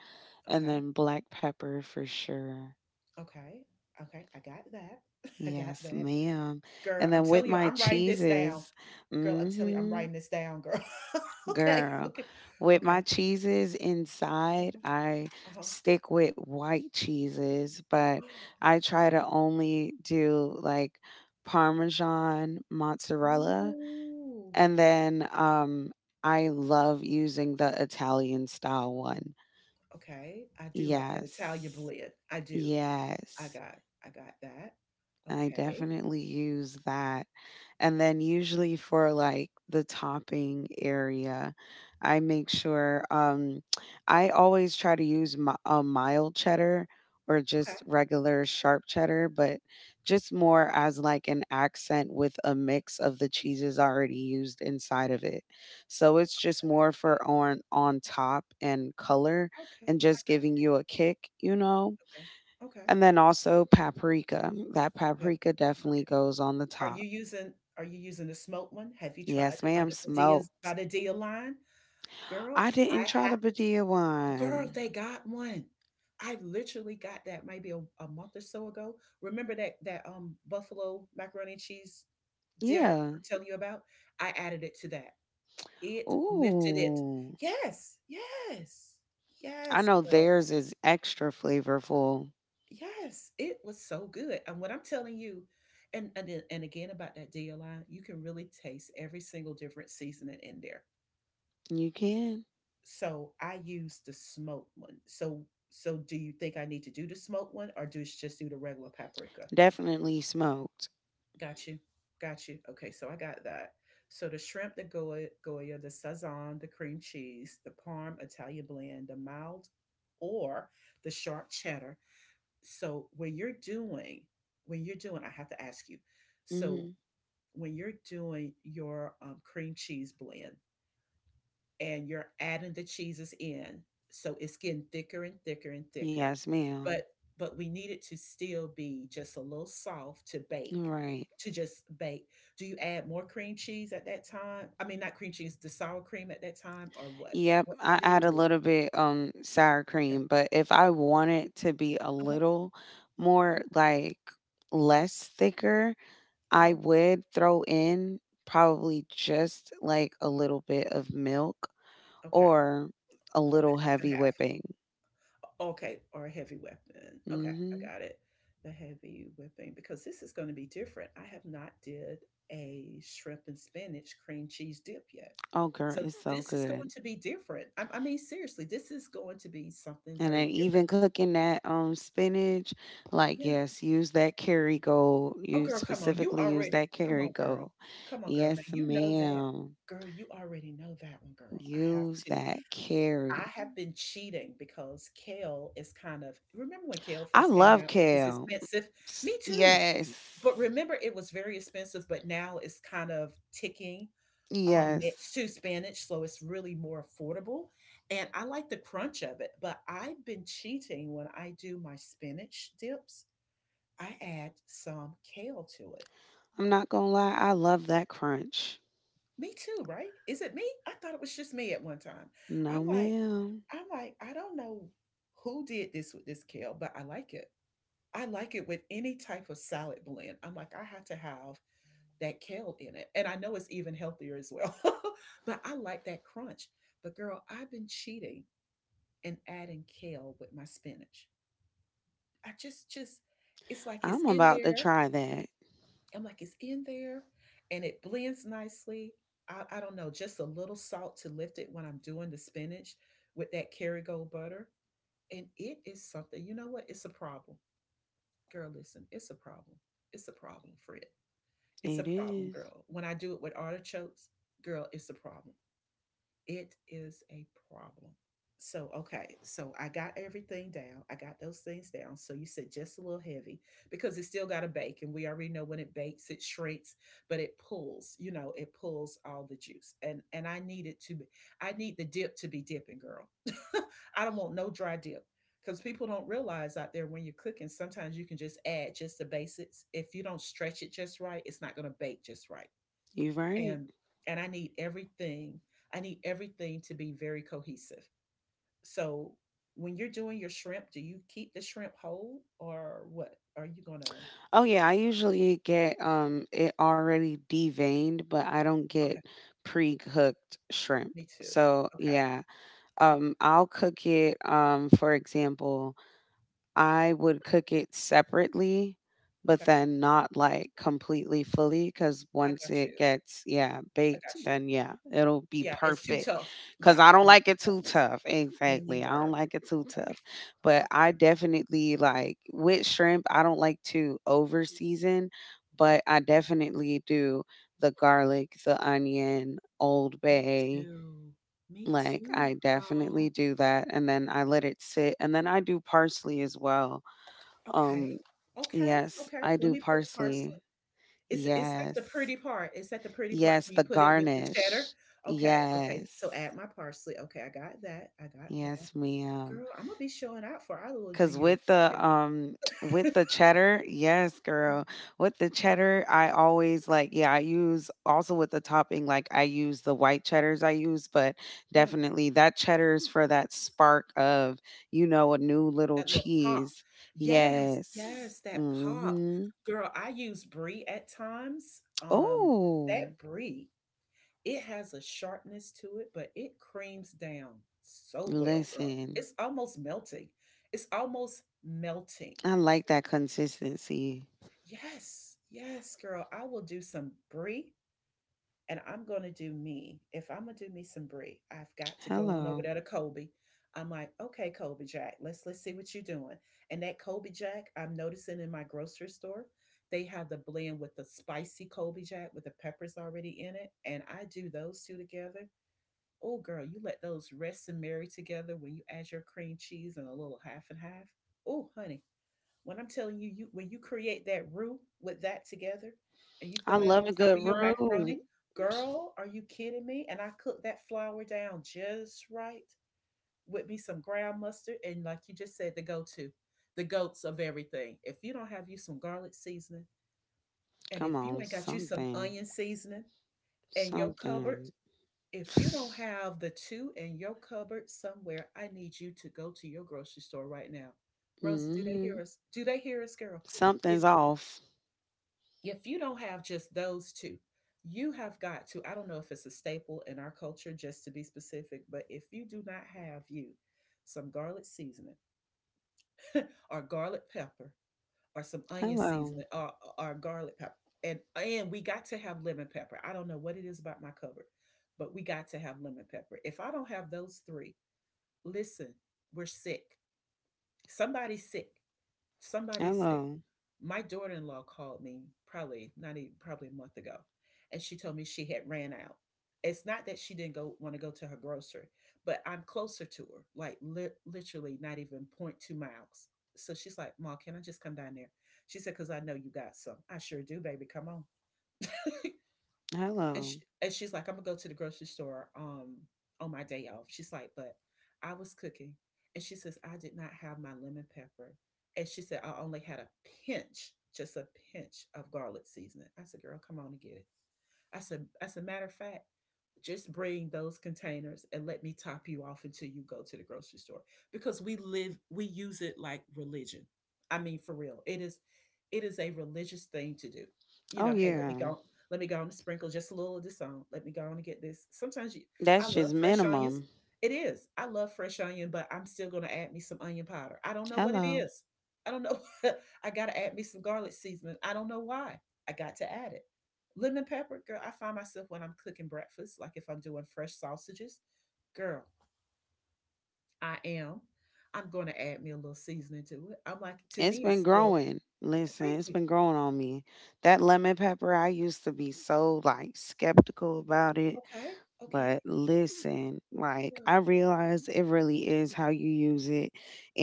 Speaker 2: and
Speaker 1: okay,
Speaker 2: then black pepper for sure.
Speaker 1: okay, okay. I got that. I got
Speaker 2: Yes,
Speaker 1: that.
Speaker 2: ma'am.
Speaker 1: Girl,
Speaker 2: And
Speaker 1: I'm
Speaker 2: then with
Speaker 1: telling you,
Speaker 2: my
Speaker 1: I'm writing this down.
Speaker 2: cheeses,
Speaker 1: Girl, I'm
Speaker 2: mm
Speaker 1: telling you, I'm
Speaker 2: mhm,
Speaker 1: writing this down, girl. Okay,
Speaker 2: girl.
Speaker 1: okay,
Speaker 2: With my
Speaker 1: okay.
Speaker 2: cheeses inside,
Speaker 1: Uh-huh.
Speaker 2: I
Speaker 1: Uh-huh.
Speaker 2: stick with white cheeses, but I try to
Speaker 1: Okay.
Speaker 2: only do like parmesan, mozzarella,
Speaker 1: Ooh.
Speaker 2: and then, I love using the Italian style one.
Speaker 1: Okay. I do like that Italian
Speaker 2: Yes.
Speaker 1: blend. I do. I
Speaker 2: Yes.
Speaker 1: got I got that.
Speaker 2: I
Speaker 1: Okay.
Speaker 2: definitely use that. And then usually for like the topping area, I make sure I always try to use a mild cheddar or
Speaker 1: Okay.
Speaker 2: just regular sharp cheddar, but just more as like an accent with a mix of the cheeses already used inside of it. So it's just more for on top and color
Speaker 1: Okay.
Speaker 2: and
Speaker 1: I
Speaker 2: just
Speaker 1: got
Speaker 2: giving
Speaker 1: you.
Speaker 2: you a kick, you know?
Speaker 1: Okay. Okay.
Speaker 2: And then also paprika. That
Speaker 1: The
Speaker 2: paprika definitely
Speaker 1: paprika.
Speaker 2: goes on the
Speaker 1: Are you
Speaker 2: top.
Speaker 1: using are you using the smoked one? Have you tried
Speaker 2: Yes,
Speaker 1: it by
Speaker 2: ma'am,
Speaker 1: the Padilla's by
Speaker 2: smoked.
Speaker 1: the Dia line? Girl,
Speaker 2: I
Speaker 1: I
Speaker 2: didn't try the
Speaker 1: happened
Speaker 2: Badia
Speaker 1: girl,
Speaker 2: one.
Speaker 1: they got one. I literally got that maybe a month or so ago. Remember that buffalo macaroni and cheese dinner
Speaker 2: Yeah.
Speaker 1: I'm telling you about? I added it to that. It lifted it.
Speaker 2: Ooh.
Speaker 1: Yes, yes,
Speaker 2: I
Speaker 1: yes,
Speaker 2: know
Speaker 1: girl.
Speaker 2: theirs is extra flavorful.
Speaker 1: Yes, it was so good. And what I'm telling you, and again about that DLI, you can really taste every single different seasoning in there.
Speaker 2: You can.
Speaker 1: So I use the smoked one. So do you think I need to do the smoked one or just do the regular paprika?
Speaker 2: Definitely smoked.
Speaker 1: Got you. Got you. Okay, so I got that. So the shrimp, the goya, goya, the sazon, the cream cheese, the parm Italian blend, the mild or the sharp cheddar. So when you're doing, when you're doing, I have to ask you. So
Speaker 2: Mhm.
Speaker 1: when you're doing your cream cheese blend and you're adding the cheeses in, so it's getting thicker and thicker and thicker,
Speaker 2: Yes, ma'am.
Speaker 1: but but we need it to still be just a little soft to bake,
Speaker 2: Right.
Speaker 1: to just bake. Do you add more cream cheese at that time? I mean, not cream cheese, the sour cream at that time, or what?
Speaker 2: Yep,
Speaker 1: What? How
Speaker 2: I
Speaker 1: do you
Speaker 2: add a
Speaker 1: do it?
Speaker 2: little bit sour
Speaker 1: Okay.
Speaker 2: cream, but if I want it to be a
Speaker 1: Uh huh.
Speaker 2: little more like less thicker,
Speaker 1: Uh
Speaker 2: I
Speaker 1: huh.
Speaker 2: would throw in probably just like a little bit of milk
Speaker 1: Okay.
Speaker 2: or a
Speaker 1: Or the
Speaker 2: little
Speaker 1: half and
Speaker 2: heavy
Speaker 1: half.
Speaker 2: whipping.
Speaker 1: Okay, or a heavy weapon. Okay, I
Speaker 2: Mhm.
Speaker 1: got it. The heavy whipping because this is going to be different. I have not did a shrimp and spinach cream cheese dip yet.
Speaker 2: Oh girl,
Speaker 1: So
Speaker 2: it's so
Speaker 1: this is
Speaker 2: good.
Speaker 1: going to be different. I mean, seriously, this is going to be something
Speaker 2: And then
Speaker 1: very different.
Speaker 2: even cooking that spinach, like
Speaker 1: Yeah.
Speaker 2: yes, use that Kerrygold.
Speaker 1: Oh,
Speaker 2: Use
Speaker 1: girl, come on. You
Speaker 2: specifically use
Speaker 1: already,
Speaker 2: that
Speaker 1: come on, girl.
Speaker 2: Kerrygold.
Speaker 1: Come on, girl.
Speaker 2: Yes,
Speaker 1: Now you know that.
Speaker 2: ma'am.
Speaker 1: Girl, you already know that one, girl. I have
Speaker 2: Use
Speaker 1: to.
Speaker 2: that
Speaker 1: I
Speaker 2: carry.
Speaker 1: have been cheating because kale is kind of remember when kale
Speaker 2: I
Speaker 1: first came
Speaker 2: love
Speaker 1: out? It was
Speaker 2: kale.
Speaker 1: expensive. Me too.
Speaker 2: Yes.
Speaker 1: But remember it was very expensive, but now it's kind of ticking.
Speaker 2: Yes.
Speaker 1: Next to spinach, so it's really more affordable. And I like the crunch of it, but I've been cheating when I do my spinach dips. I add some kale to it.
Speaker 2: I'm not gonna lie, I love that crunch.
Speaker 1: Me too, right? Is it me? I thought it was just me at one time. I'm
Speaker 2: No,
Speaker 1: like,
Speaker 2: ma'am.
Speaker 1: I'm like, I don't know who did this with this kale, but I like it. I like it with any type of salad blend. I'm like, I have to have that kale in it. And I know it's even healthier as well, but I like that crunch. But girl, I've been cheating and adding kale with my spinach. I just, just, it's like it's
Speaker 2: I'm
Speaker 1: in
Speaker 2: about to
Speaker 1: there.
Speaker 2: try that.
Speaker 1: I'm like, it's in there and it blends nicely. I don't know, just a little salt to lift it when I'm doing the spinach with that Kerrygold butter. And it is something, you know what? It's a problem. Girl, listen, it's a problem. It's a problem, Fred. It's a
Speaker 2: It
Speaker 1: problem,
Speaker 2: is.
Speaker 1: girl. When I do it with artichokes, girl, it's a problem. It is a problem. So, okay, so I got everything down. I got those things down. So, you said just a little heavy because it still got to bake. And we already know when it bakes, it shrinks, but it pulls, you know, it pulls all the juice. And I need it to be, I need the dip to be dipping, girl. I don't want no dry dip because people don't realize out there when you're cooking, sometimes you can just add just the basics. If you don't stretch it just right, it's not going to bake just right,
Speaker 2: You're right.
Speaker 1: and and I need everything to be very cohesive. So when you're doing your shrimp, do you keep the shrimp whole or what? Are you gonna?
Speaker 2: Oh yeah, I usually get it already deveined, but I don't get
Speaker 1: Okay,
Speaker 2: pre-cooked shrimp.
Speaker 1: me too.
Speaker 2: So
Speaker 1: Okay,
Speaker 2: yeah,
Speaker 1: o-
Speaker 2: I'll cook it. For example, I would cook it separately, but
Speaker 1: okay,
Speaker 2: then not like completely fully because
Speaker 1: I
Speaker 2: once
Speaker 1: got
Speaker 2: it
Speaker 1: you.
Speaker 2: gets, yeah,
Speaker 1: I
Speaker 2: baked,
Speaker 1: got you.
Speaker 2: then yeah, it'll be
Speaker 1: Yeah, it's too
Speaker 2: perfect.
Speaker 1: tough. Yeah,
Speaker 2: Because I
Speaker 1: I
Speaker 2: don't
Speaker 1: don't want
Speaker 2: like
Speaker 1: the
Speaker 2: it too
Speaker 1: toughness.
Speaker 2: tough.
Speaker 1: Me
Speaker 2: Exactly. I
Speaker 1: neither.
Speaker 2: don't like it too tough.
Speaker 1: Okay,
Speaker 2: But
Speaker 1: okay,
Speaker 2: I definitely like with shrimp, I don't like to over season,
Speaker 1: okay.
Speaker 2: but I definitely do the garlic, the onion, Old
Speaker 1: Me
Speaker 2: Bay.
Speaker 1: too. Me
Speaker 2: Like
Speaker 1: too,
Speaker 2: I
Speaker 1: girl.
Speaker 2: definitely do that. And then I let it sit. And then I do parsley as well um,
Speaker 1: Okay, okay,
Speaker 2: yes,
Speaker 1: okay.
Speaker 2: I
Speaker 1: Let
Speaker 2: do
Speaker 1: me put parsley.
Speaker 2: parsley.
Speaker 1: It's at the
Speaker 2: Yes.
Speaker 1: pretty part. It's at the pretty part
Speaker 2: Yes,
Speaker 1: when you
Speaker 2: the
Speaker 1: put it with the cheddar.
Speaker 2: garnish.
Speaker 1: Okay, okay.
Speaker 2: Yes.
Speaker 1: So add my parsley. Okay, I got that. I got that.
Speaker 2: Yes, ma'am.
Speaker 1: Girl, I'm gonna be showing out for our little New
Speaker 2: Cause
Speaker 1: Year's
Speaker 2: with the
Speaker 1: party.
Speaker 2: with the cheddar, yes,
Speaker 1: Oh,
Speaker 2: girl. With the
Speaker 1: oh,
Speaker 2: cheddar, I always like, yeah, I use also with the topping, like I use the white cheddars I use, but
Speaker 1: yeah,
Speaker 2: definitely that cheddar is for that spark of a new little
Speaker 1: that little pop.
Speaker 2: cheese.
Speaker 1: Yes,
Speaker 2: Yes.
Speaker 1: yes, that pop.
Speaker 2: Mm-hmm.
Speaker 1: Girl, I use brie at times.
Speaker 2: Oh.
Speaker 1: That brie, it has a sharpness to it, but it creams down so well, girl.
Speaker 2: Listen,
Speaker 1: It's almost melting. It's almost melting.
Speaker 2: I like that consistency.
Speaker 1: Yes, yes, girl. I will do some brie and I'm going to do me. If I'm going to do me some brie, I've got to go on over
Speaker 2: Hello.
Speaker 1: there to Kobe. I'm like, okay, Kobe Jack, let's see what you're doing. And that Kobe Jack, I'm noticing in my grocery store, they have the blend with the spicy Kobe Jack with the peppers already in it, and I do those two together. Oh, girl, you let those rest and marry together when you add your cream cheese and a little half and half. Oh, honey, when I'm telling you, when you create that roux with that together and you
Speaker 2: I
Speaker 1: throw that
Speaker 2: love
Speaker 1: on
Speaker 2: a
Speaker 1: top
Speaker 2: good
Speaker 1: of your
Speaker 2: roux.
Speaker 1: macaroni, girl, are you kidding me? And I cook that flour down just right with me some ground mustard and like you just said, the go-to, the goats of everything. If you don't have you some garlic seasoning and
Speaker 2: Come
Speaker 1: if you
Speaker 2: on,
Speaker 1: ain't got you some
Speaker 2: something.
Speaker 1: onion seasoning in your cupboard,
Speaker 2: Something.
Speaker 1: if you don't have the two in your cupboard somewhere, I need you to go to your grocery store right now. Rosa, do they hear
Speaker 2: Hmm.
Speaker 1: us? Do they hear us, girl?
Speaker 2: Something's
Speaker 1: If
Speaker 2: off.
Speaker 1: if you don't have just those two, you have got to, I don't know if it's a staple in our culture, just to be specific, but if you do not have you some garlic seasoning or garlic pepper or some onion
Speaker 2: Hello.
Speaker 1: seasoning or garlic pepper, and we got to have lemon pepper. I don't know what it is about my cupboard, but we got to have lemon pepper. If I don't have those three, listen, we're sick. Somebody's sick. Somebody is sick.
Speaker 2: Hello.
Speaker 1: My daughter-in-law called me probably not even probably a month ago, and she told me she had ran out. It's not that she didn't go want to go to her grocery, but I'm closer to her, like literally not even 0.2 miles. So she's like, "Ma, can I just come down there?" She said, "Cause I know you got some." I sure do, baby. Come on. and, she,
Speaker 2: Hello.
Speaker 1: and she's like, I'm gonna go to the grocery store on my day off. She's like, but I was cooking, and she says I did not have my lemon pepper, and she said I only had a pinch, just a pinch of garlic seasoning. I said, girl, come on and get it. I said, as a matter of fact, just bring those containers and let me top you off until you go to the grocery store because we use it like religion. I mean, for real, it is a religious thing to do.
Speaker 2: Oh,
Speaker 1: Hey,
Speaker 2: yeah.
Speaker 1: let me go on and sprinkle just a little of this on, let me go on and get this sometimes. You, I
Speaker 2: That's
Speaker 1: love
Speaker 2: just
Speaker 1: fresh onions.
Speaker 2: minimum.
Speaker 1: It is. I love fresh onion, but I'm still going to add me some onion powder. I don't know what it
Speaker 2: Hello.
Speaker 1: is. I don't know. I gotta add me some garlic seasoning. I don't know why I got to add it. Lemon pepper, girl, I find myself when I'm cooking breakfast, like if I'm doing fresh sausages, girl, I am. I'm going to add me a little seasoning to it. I'm like, to
Speaker 2: It's
Speaker 1: me,
Speaker 2: been
Speaker 1: it's still,
Speaker 2: growing. Listen,
Speaker 1: thank
Speaker 2: it's
Speaker 1: you.
Speaker 2: been growing on me. That lemon pepper, I used to be so like skeptical about it.
Speaker 1: Okay,
Speaker 2: But
Speaker 1: okay,
Speaker 2: listen, like
Speaker 1: girl,
Speaker 2: I realize it really is how you use it.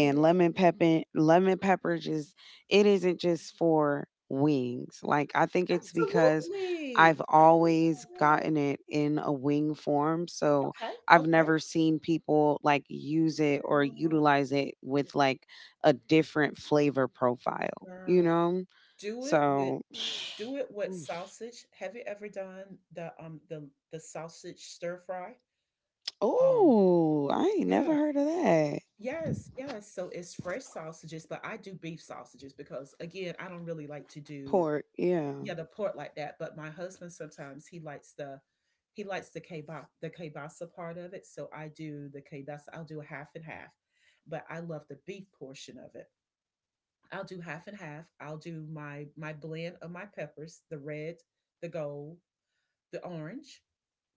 Speaker 1: it is.
Speaker 2: lemon pepper just it isn't just for wings. Like I think it's because
Speaker 1: Absolutely.
Speaker 2: I've
Speaker 1: I
Speaker 2: always
Speaker 1: know.
Speaker 2: gotten it in a wing form. So
Speaker 1: Okay,
Speaker 2: I've
Speaker 1: okay.
Speaker 2: never seen people like use it or
Speaker 1: Girl,
Speaker 2: utilize it with like a
Speaker 1: oh,
Speaker 2: different flavor profile, you
Speaker 1: girl.
Speaker 2: know?
Speaker 1: Do it with
Speaker 2: So
Speaker 1: do it with sausage. Have you ever done the sausage stir fry? Um,
Speaker 2: Oh, I ain't never
Speaker 1: yeah.
Speaker 2: heard of that.
Speaker 1: Yes, yes. So it's fresh sausages, but I do beef sausages because, again, I don't really like to do,
Speaker 2: Port, yeah.
Speaker 1: yeah, the pork like that. But my husband, sometimes he likes the kielbasa, the kielbasa, part of it. So I do the kielbasa. I'll do a half and half, but I love the beef portion of it. I'll do half and half. I'll do my blend of my peppers, the red, the gold, the orange,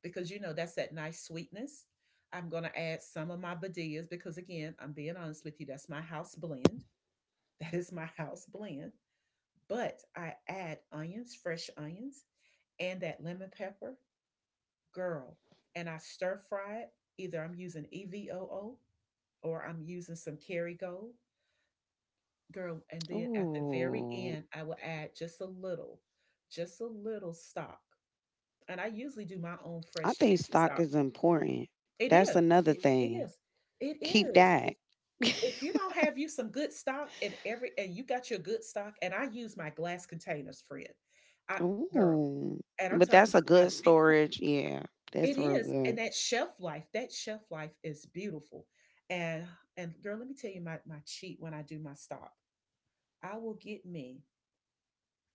Speaker 1: because you know that's that nice sweetness. I'm going to add some of my badillas because, again, I'm being honest with you, that's my house blend. That is my house blend. But I add onions, fresh onions, and that lemon pepper, girl. And I stir fry it. Either I'm using EVOO or I'm using some Kerrygold, girl. And then at the very end,
Speaker 2: Ooh,
Speaker 1: I will add just a little stock. And I usually do my own fresh
Speaker 2: I
Speaker 1: chicken
Speaker 2: think
Speaker 1: stock.
Speaker 2: stock is important.
Speaker 1: It
Speaker 2: That's
Speaker 1: is.
Speaker 2: another
Speaker 1: It
Speaker 2: thing.
Speaker 1: is. It
Speaker 2: Keep
Speaker 1: is. If
Speaker 2: that.
Speaker 1: if you don't have you some good stock, and you got your good stock, and I use my glass containers, friend. I Girl,
Speaker 2: Ooh,
Speaker 1: and I'm
Speaker 2: but
Speaker 1: talking
Speaker 2: that's a
Speaker 1: about my
Speaker 2: good
Speaker 1: big,
Speaker 2: storage. Yeah,
Speaker 1: it
Speaker 2: that's real
Speaker 1: is.
Speaker 2: good.
Speaker 1: And that shelf life is beautiful. And and girl, let me tell you my cheat when I do my stock. I will get me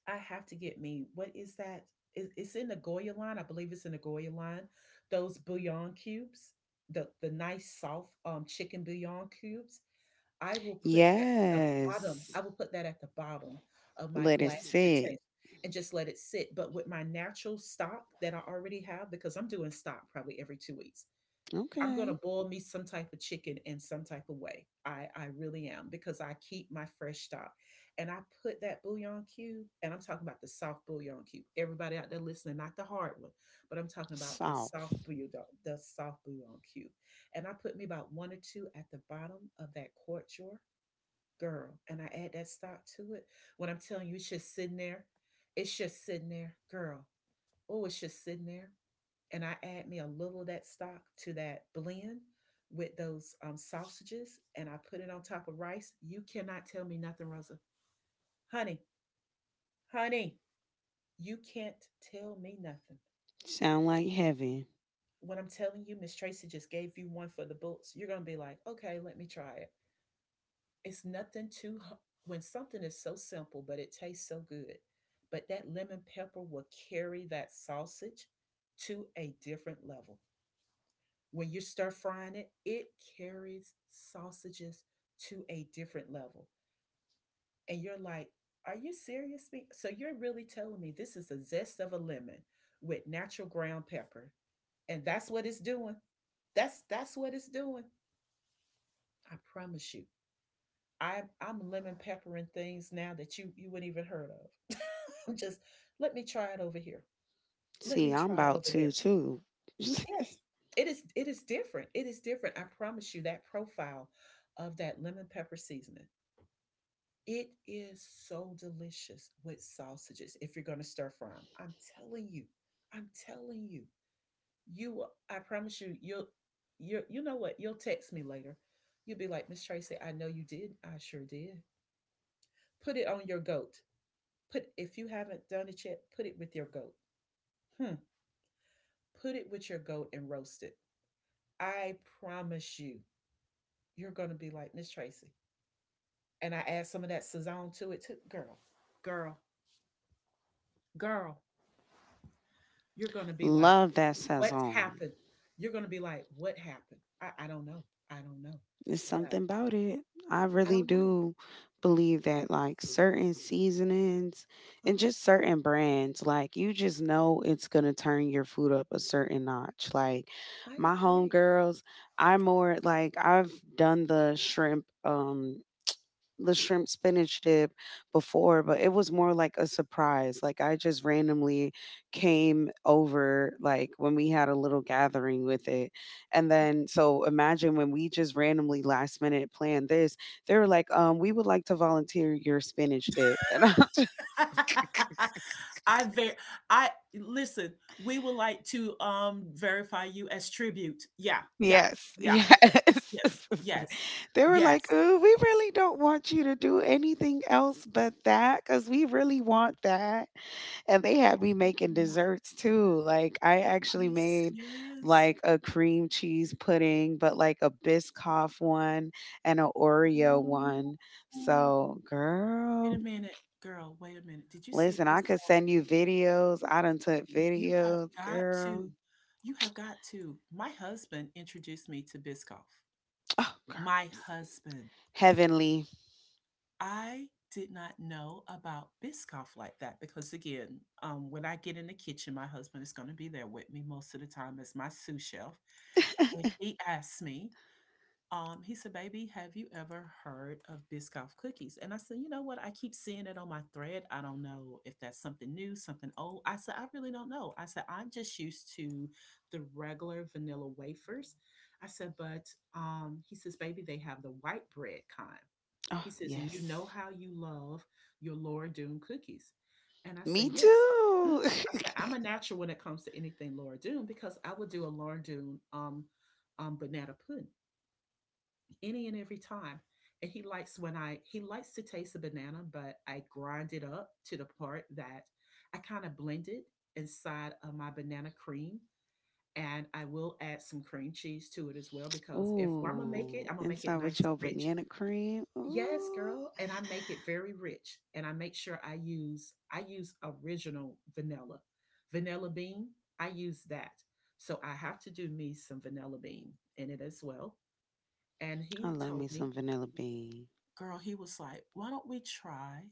Speaker 1: I have to get me. What is that? It's in the Goya line. I believe it's in the Goya line. Those bouillon cubes, the nice soft chicken bouillon cubes. I will put that at the bottom. I
Speaker 2: Yes,
Speaker 1: will put that at the bottom of my
Speaker 2: let it
Speaker 1: glass
Speaker 2: sit.
Speaker 1: container and just let it sit. But with my natural stock that I already have, because I'm doing stock probably every 2 weeks, I'm gonna
Speaker 2: Okay,
Speaker 1: boil me some type of chicken in some type of way. I really am because I keep my fresh stock. And I put that bouillon cube, and I'm talking about the soft bouillon cube. Everybody out there listening, not the hard one, but I'm talking about
Speaker 2: soft.
Speaker 1: the soft bouillon cube. And I put me about one or two at the bottom of that quart jar, girl. And I add that stock to it. When I'm telling you, it's just sitting there. It's just sitting there, girl. Oh, it's just sitting there, and I add me a little of that stock to that blend with those sausages, and I put it on top of rice. You cannot tell me nothing, Rosa. Honey, honey, you can't tell me nothing.
Speaker 2: Sound like heaven.
Speaker 1: When I'm telling you, Miss Tracy just gave you one for the books. You're gonna be like, okay, let me try it. It's nothing too. When something is so simple, but it tastes so good, but that lemon pepper will carry that sausage to a different level. When you stir frying it carries sausages to a different level. And you're like, are you serious? Me? So you're really telling me this is a zest of a lemon with natural ground pepper. And that's what it's doing. That's what it's doing. I promise you. I'm lemon peppering things now that you wouldn't even heard of. I'm just Let me try it over here. Let
Speaker 2: See,
Speaker 1: me
Speaker 2: I'm
Speaker 1: try it
Speaker 2: about
Speaker 1: over
Speaker 2: to
Speaker 1: there.
Speaker 2: too.
Speaker 1: Yes, it is different. It is different. I promise you that profile of that lemon pepper seasoning. It is so delicious with sausages if you're going to stir fry 'em. I'm telling you. I'm telling you. I promise you you know what? You'll text me later. You'll be like, "Miss Tracy, I know you did. I sure did." Put it on your goat. Put If you haven't done it yet, put it with your goat. Hmm. Put it with your goat and roast it. I promise you. You're gonna be like, Miss Tracy. And I add some of that Sazon to it too. Girl, girl, girl, you're gonna be like,
Speaker 2: Love that
Speaker 1: what
Speaker 2: saison.
Speaker 1: happened? You're gonna be like, what happened? I don't know. I don't know.
Speaker 2: It's
Speaker 1: But
Speaker 2: something about it. I
Speaker 1: I
Speaker 2: really
Speaker 1: don't know.
Speaker 2: do believe that like certain seasonings and
Speaker 1: Uh-huh.
Speaker 2: just certain brands, like you just know it's gonna turn your food up a certain notch. Like
Speaker 1: I
Speaker 2: my
Speaker 1: agree.
Speaker 2: homegirls, I more like I've done the shrimp spinach dip before, but it was more like a surprise. Like I just randomly came over like when we had a little gathering with it. And then so imagine when we just randomly last minute planned this, they were like, we would like to volunteer your spinach dip. And I'm just
Speaker 1: I ver I listen, we would like to verify you as tribute. Yeah, yeah,
Speaker 2: yes,
Speaker 1: yeah, yeah,
Speaker 2: yes.
Speaker 1: yes, yes,
Speaker 2: They were like,
Speaker 1: yes.
Speaker 2: "Ooh, we really don't want you to do anything else but that, because we really want that." And they had me
Speaker 1: Oh
Speaker 2: making
Speaker 1: my
Speaker 2: desserts
Speaker 1: goodness,
Speaker 2: too. Like I
Speaker 1: are
Speaker 2: actually
Speaker 1: you
Speaker 2: made
Speaker 1: serious?
Speaker 2: like a cream cheese pudding, but like a Biscoff one and an Oreo
Speaker 1: Oh.
Speaker 2: one. So,
Speaker 1: Wait a
Speaker 2: girl,
Speaker 1: minute, girl, wait a minute. Did you say
Speaker 2: listen, I could
Speaker 1: Biscoff?
Speaker 2: send you videos. I done took
Speaker 1: You have
Speaker 2: videos,
Speaker 1: got
Speaker 2: girl.
Speaker 1: to. You have got to. My husband introduced me to Biscoff.
Speaker 2: Oh, girl,
Speaker 1: My husband.
Speaker 2: heavenly.
Speaker 1: I did not know about Biscoff like that because, again, when I get in the kitchen, my husband is going to be there with me most of the time as my sous chef. And he asked me, he said, baby, have you ever heard of Biscoff cookies? And I said, you know what? I keep seeing it on my thread. I don't know if that's something new, something old. I said, I really don't know. I said, I'm just used to the regular vanilla wafers. I said, but he says, baby, they have the white bread kind.
Speaker 2: Oh,
Speaker 1: He says, and you know
Speaker 2: yes.
Speaker 1: how you love your Laura Doone cookies. And I said,
Speaker 2: Me
Speaker 1: yes. I
Speaker 2: too.
Speaker 1: said, I'm a natural when it comes to anything Laura Doone because I would do a Laura Doone banana pudding any and every time. And he likes when I he likes to taste a banana, but I grind it up to the part that I kind of blend it inside of my banana cream. And I will add some cream cheese to it as well because if I'm gonna make
Speaker 2: Ooh,
Speaker 1: it, I'm gonna make
Speaker 2: inside
Speaker 1: it
Speaker 2: with
Speaker 1: nice and
Speaker 2: your
Speaker 1: rich.
Speaker 2: banana cream.
Speaker 1: Yes,
Speaker 2: Ooh,
Speaker 1: girl, and I make it very rich. And I make sure I use original vanilla. Vanilla bean, I use that. So I have to do me some vanilla bean in it as well. And
Speaker 2: I
Speaker 1: he
Speaker 2: love me
Speaker 1: told
Speaker 2: some
Speaker 1: me,
Speaker 2: vanilla bean.
Speaker 1: girl, he was like, why don't we try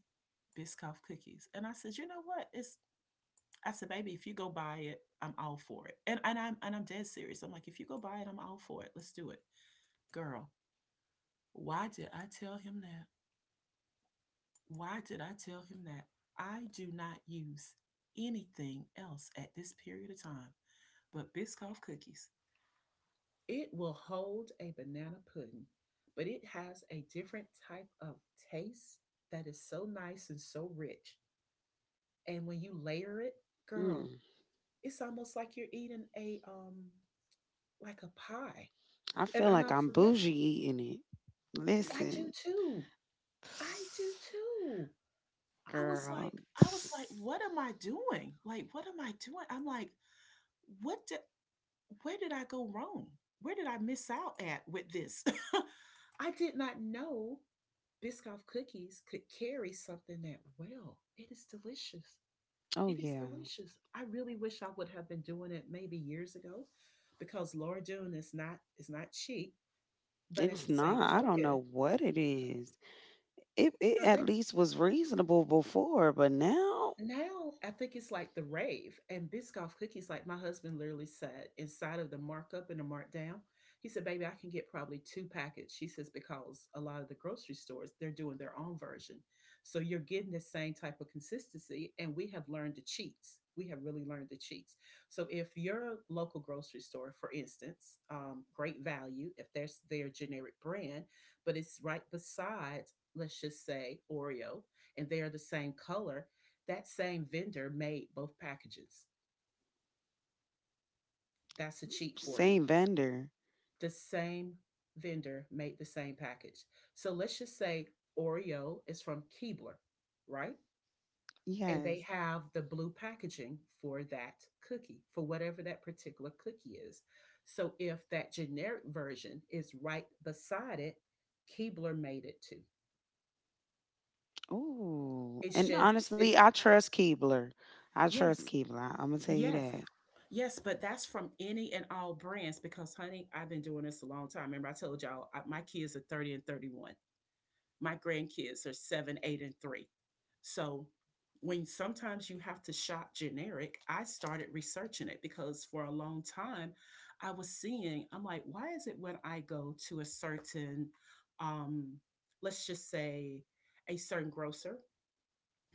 Speaker 1: Biscoff cookies? And I said, you know what? It's I said, baby, if you go buy it, I'm all for it. And I'm dead serious. I'm like, if you go buy it, I'm all for it. Let's do it. Girl, why did I tell him that? Why did I tell him that? I do not use anything else at this period of time but Biscoff cookies. It will hold a banana pudding, but it has a different type of taste that is so nice and so rich. And when you layer it, girl,
Speaker 2: Mm,
Speaker 1: it's almost like you're eating a like a pie.
Speaker 2: I
Speaker 1: and
Speaker 2: feel
Speaker 1: and
Speaker 2: like
Speaker 1: I'm
Speaker 2: I'm
Speaker 1: for real.
Speaker 2: bougie eating it.
Speaker 1: I do
Speaker 2: Listen,
Speaker 1: too. I do too. i was
Speaker 2: girl.
Speaker 1: like i was like what am I doing, like what am I doing, I'm like, what did, where did I go wrong? Where did I miss out at with this? I did not know Biscoff cookies could carry something that well. It is delicious.
Speaker 2: Oh
Speaker 1: It is
Speaker 2: yeah,
Speaker 1: delicious. I really wish I would have been doing it maybe years ago, because Laura Dune is not cheap. But at
Speaker 2: it's
Speaker 1: the same
Speaker 2: not. I don't know
Speaker 1: token,
Speaker 2: what it is. It
Speaker 1: girl,
Speaker 2: at
Speaker 1: they
Speaker 2: least was reasonable before, but now
Speaker 1: now I think it's like the rave and Biscoff cookies. Like my husband literally said, inside of the markup and the markdown, he said, "Baby, I can get probably two packets." She says because a lot of the grocery stores, they're doing their own version, so you're getting the same type of consistency. And we have learned the cheats. We have really learned the cheats. So if your local grocery store, for instance, Great Value, if there's their generic brand, but it's right beside, let's just say, Oreo, and they are the same color, that same vendor made both packages. That's a cheat for you.
Speaker 2: same vendor.
Speaker 1: The same vendor made the same package. So let's just say Oreo is from Keebler, right? And
Speaker 2: Yes.
Speaker 1: they have the blue packaging for that cookie, for whatever that particular cookie is. So if that generic version is right beside it, Keebler made it too.
Speaker 2: Oh.
Speaker 1: It's
Speaker 2: And
Speaker 1: just,
Speaker 2: honestly,
Speaker 1: it's,
Speaker 2: I trust Keebler. I trust
Speaker 1: yes,
Speaker 2: Keebler. I am gonna tell you
Speaker 1: yes.
Speaker 2: that.
Speaker 1: Yes, but that's from any and all brands because, honey, I've been doing this a long time. Remember, I told y'all, my kids are 30 and 31. My grandkids are seven, eight, and three. So when sometimes you have to shop generic, I started researching it, because for a long time I was seeing, I'm like, why is it when I go to a certain, um, let's just say, a certain grocer,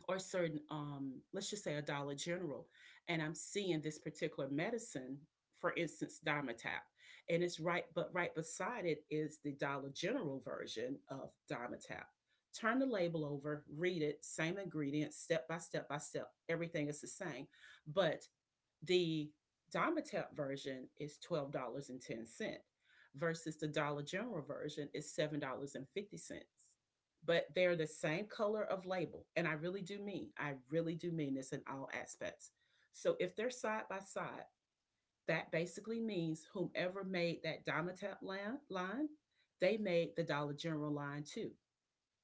Speaker 1: or certain let's just say a Dollar General, and I'm seeing this particular medicine, for instance Dimetapp, and it's right, but right beside it is the Dollar General version of Dimetapp. Turn the label over, read it, same ingredients, step by step by step, everything is the same. But the Domitap version is $12.10 versus the Dollar General version is $7.50. But they're the same color of label. And I really do mean this in all aspects. So if they're side by side, that basically means whomever made that Domitap line, they made the Dollar General line too.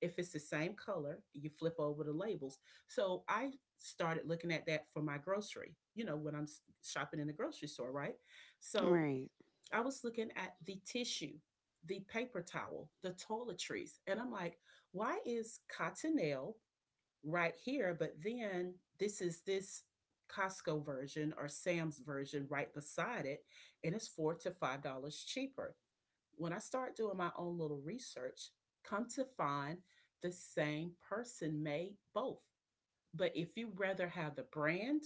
Speaker 1: If it's the same color, you flip over the labels. So I started looking at that for my grocery, when I'm shopping in the grocery store, right? So
Speaker 2: Right.
Speaker 1: I was looking at the tissue, the paper towel, the toiletries. And I'm like, why is Cottonelle right here, but then this Costco version or Sam's version right beside it, and it's four to five dollars cheaper. When I start doing my own little research, come to find, the same person made both. But if you rather have the brand,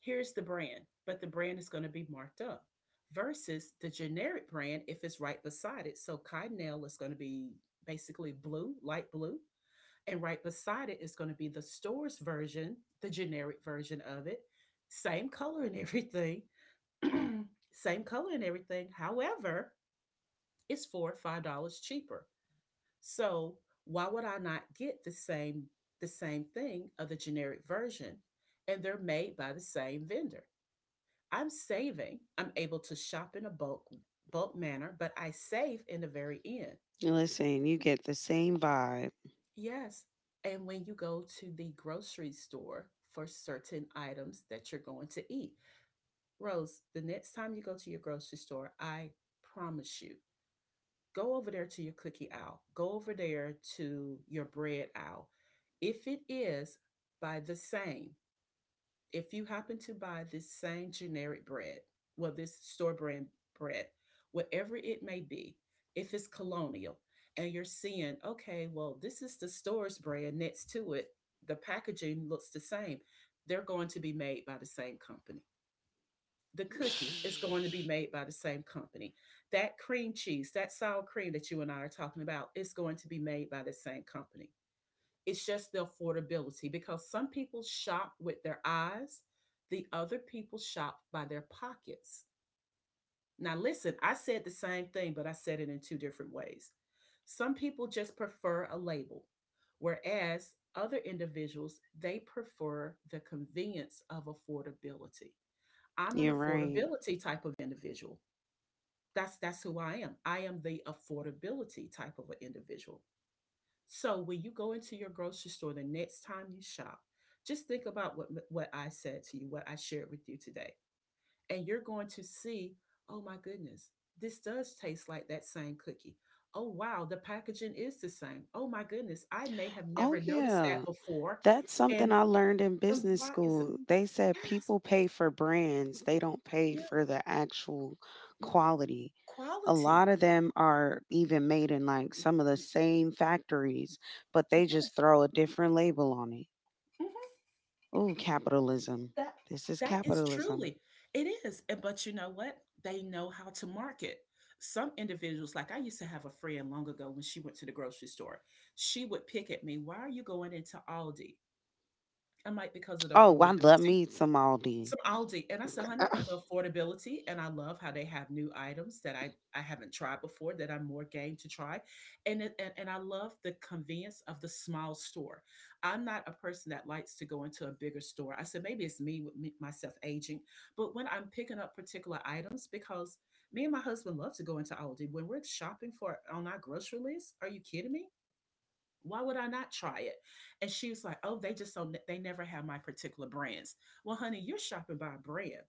Speaker 1: here's the brand, but the brand is going to be marked up versus the generic brand if it's right beside it. So Cottonelle is going to be basically blue, light blue, and right beside it is going to be the store's version, the generic version of it, same color and everything, same color and everything. However, it's four or five dollars cheaper. So why would I not get the same thing of the generic version? And they're made by the same vendor. I'm saving. I'm able to shop in a bulk manner, but I save in the very end.
Speaker 2: Listen, you get the same vibe.
Speaker 1: Yes. And when you go to the grocery store for certain items that you're going to eat, Rose, the next time you go to your grocery store, I promise you, go over there to your cookie aisle, go over there to your bread aisle. If it is by the same, if you happen to buy this same generic bread, well, this store brand bread, whatever it may be, if it's Colonial, and you're seeing, okay, well, this is the store's brand next to it, the packaging looks the same, they're going to be made by the same company. The cookie is going to be made by the same company. That cream cheese, that sour cream that you and I are talking about, is going to be made by the same company. It's just the affordability, because some people shop with their eyes, the other people shop by their pockets. Now, listen, I said the same thing, but I said it in two different ways. Some people just prefer a label, whereas other individuals, they prefer the convenience of affordability. I'm an
Speaker 2: You're right.
Speaker 1: affordability type of individual. That's who I am. I am the affordability type of an individual. So when you go into your grocery store the next time you shop, just think about what I said to you, what I shared with you today. And you're going to see, oh my goodness, this does taste like that same cookie. Oh wow, the packaging is the same. Oh my goodness, I may have
Speaker 2: Oh
Speaker 1: never noticed that
Speaker 2: yeah.
Speaker 1: before.
Speaker 2: That's something
Speaker 1: And
Speaker 2: I learned in
Speaker 1: and
Speaker 2: business
Speaker 1: why is it?
Speaker 2: school. They said
Speaker 1: Yes.
Speaker 2: people pay for brands, they don't pay
Speaker 1: Yeah,
Speaker 2: for the actual quality. A
Speaker 1: quality.
Speaker 2: lot of them are even made in like some of the same factories, but they
Speaker 1: Yes.
Speaker 2: just throw a different label on it.
Speaker 1: Mhm.
Speaker 2: Oh, capitalism.
Speaker 1: That
Speaker 2: This is
Speaker 1: that is
Speaker 2: capitalism.
Speaker 1: truly, it is. And but you know what? They know how to market. Some individuals, like, I used to have a friend long ago, when she went to the grocery store, she would pick at me, "Why are you going into Aldi?" I am like, because of the
Speaker 2: Oh, I love
Speaker 1: affordability.
Speaker 2: me some Aldi.
Speaker 1: Some Aldi, and I said, "Honey, the affordability," and I love how they have new items that I haven't tried before that I'm more game to try, and it and I love the convenience of the small store. I'm not a person that likes to go into a bigger store. I said, "Maybe it's me with me, myself aging," but when I'm picking up particular items, because me and my husband love to go into Aldi when we're shopping for, on our grocery list. Are you kidding me? Why would I not try it? And she was like, oh, they just, so they never have my particular brands. Well, honey, you're shopping by brand.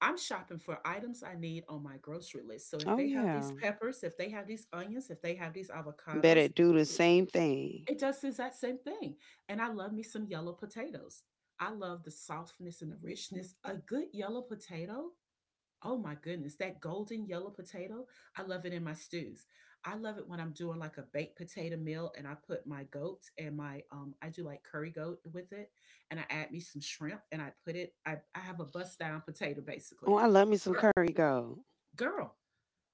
Speaker 1: I'm shopping for items I need on my grocery list. So if
Speaker 2: Oh
Speaker 1: they have these
Speaker 2: yeah.
Speaker 1: peppers, if they have these onions, if they have these
Speaker 2: Bet
Speaker 1: avocados,
Speaker 2: it do the same thing.
Speaker 1: it does the exact same thing. And I love me some yellow potatoes. I love the softness and the richness. A good yellow potato. Oh my goodness, that golden yellow potato, I love it in my stews. I love it when I'm doing like a baked potato meal, and I put my goat, and my I do like curry goat with it, and I add me some shrimp, and I put it, I have a bust down potato
Speaker 2: Oh,
Speaker 1: basically.
Speaker 2: I love me some
Speaker 1: Girl,
Speaker 2: curry goat.
Speaker 1: girl,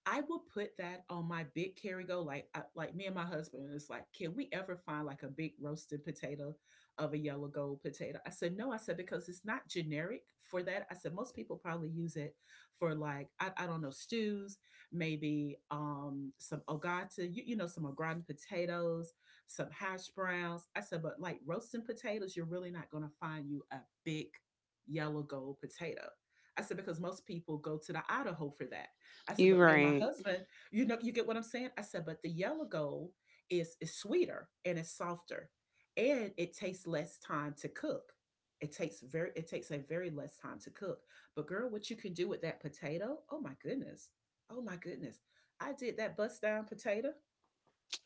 Speaker 1: I will put that on my big carry go. Like, like me and my husband, it's like, can we ever find like a big roasted potato of a yellow gold potato? I said, no. I said, because it's not generic for that. I said, most people probably use it for, like, I don't know, stews, maybe some ogata, some au gratin potatoes, some hash browns. I said, but like roasting potatoes, you're really not going to find you a big yellow gold potato. I said, because most people go to the Idaho for that. I said,
Speaker 2: You
Speaker 1: but me and my
Speaker 2: right.
Speaker 1: husband, you know, you get what I'm saying? I said, but the yellow gold is sweeter, and it's softer. And it takes less time to cook. It takes a very less time to cook. But girl, what you can do with that potato, oh my goodness. Oh my goodness. I did that bust down potato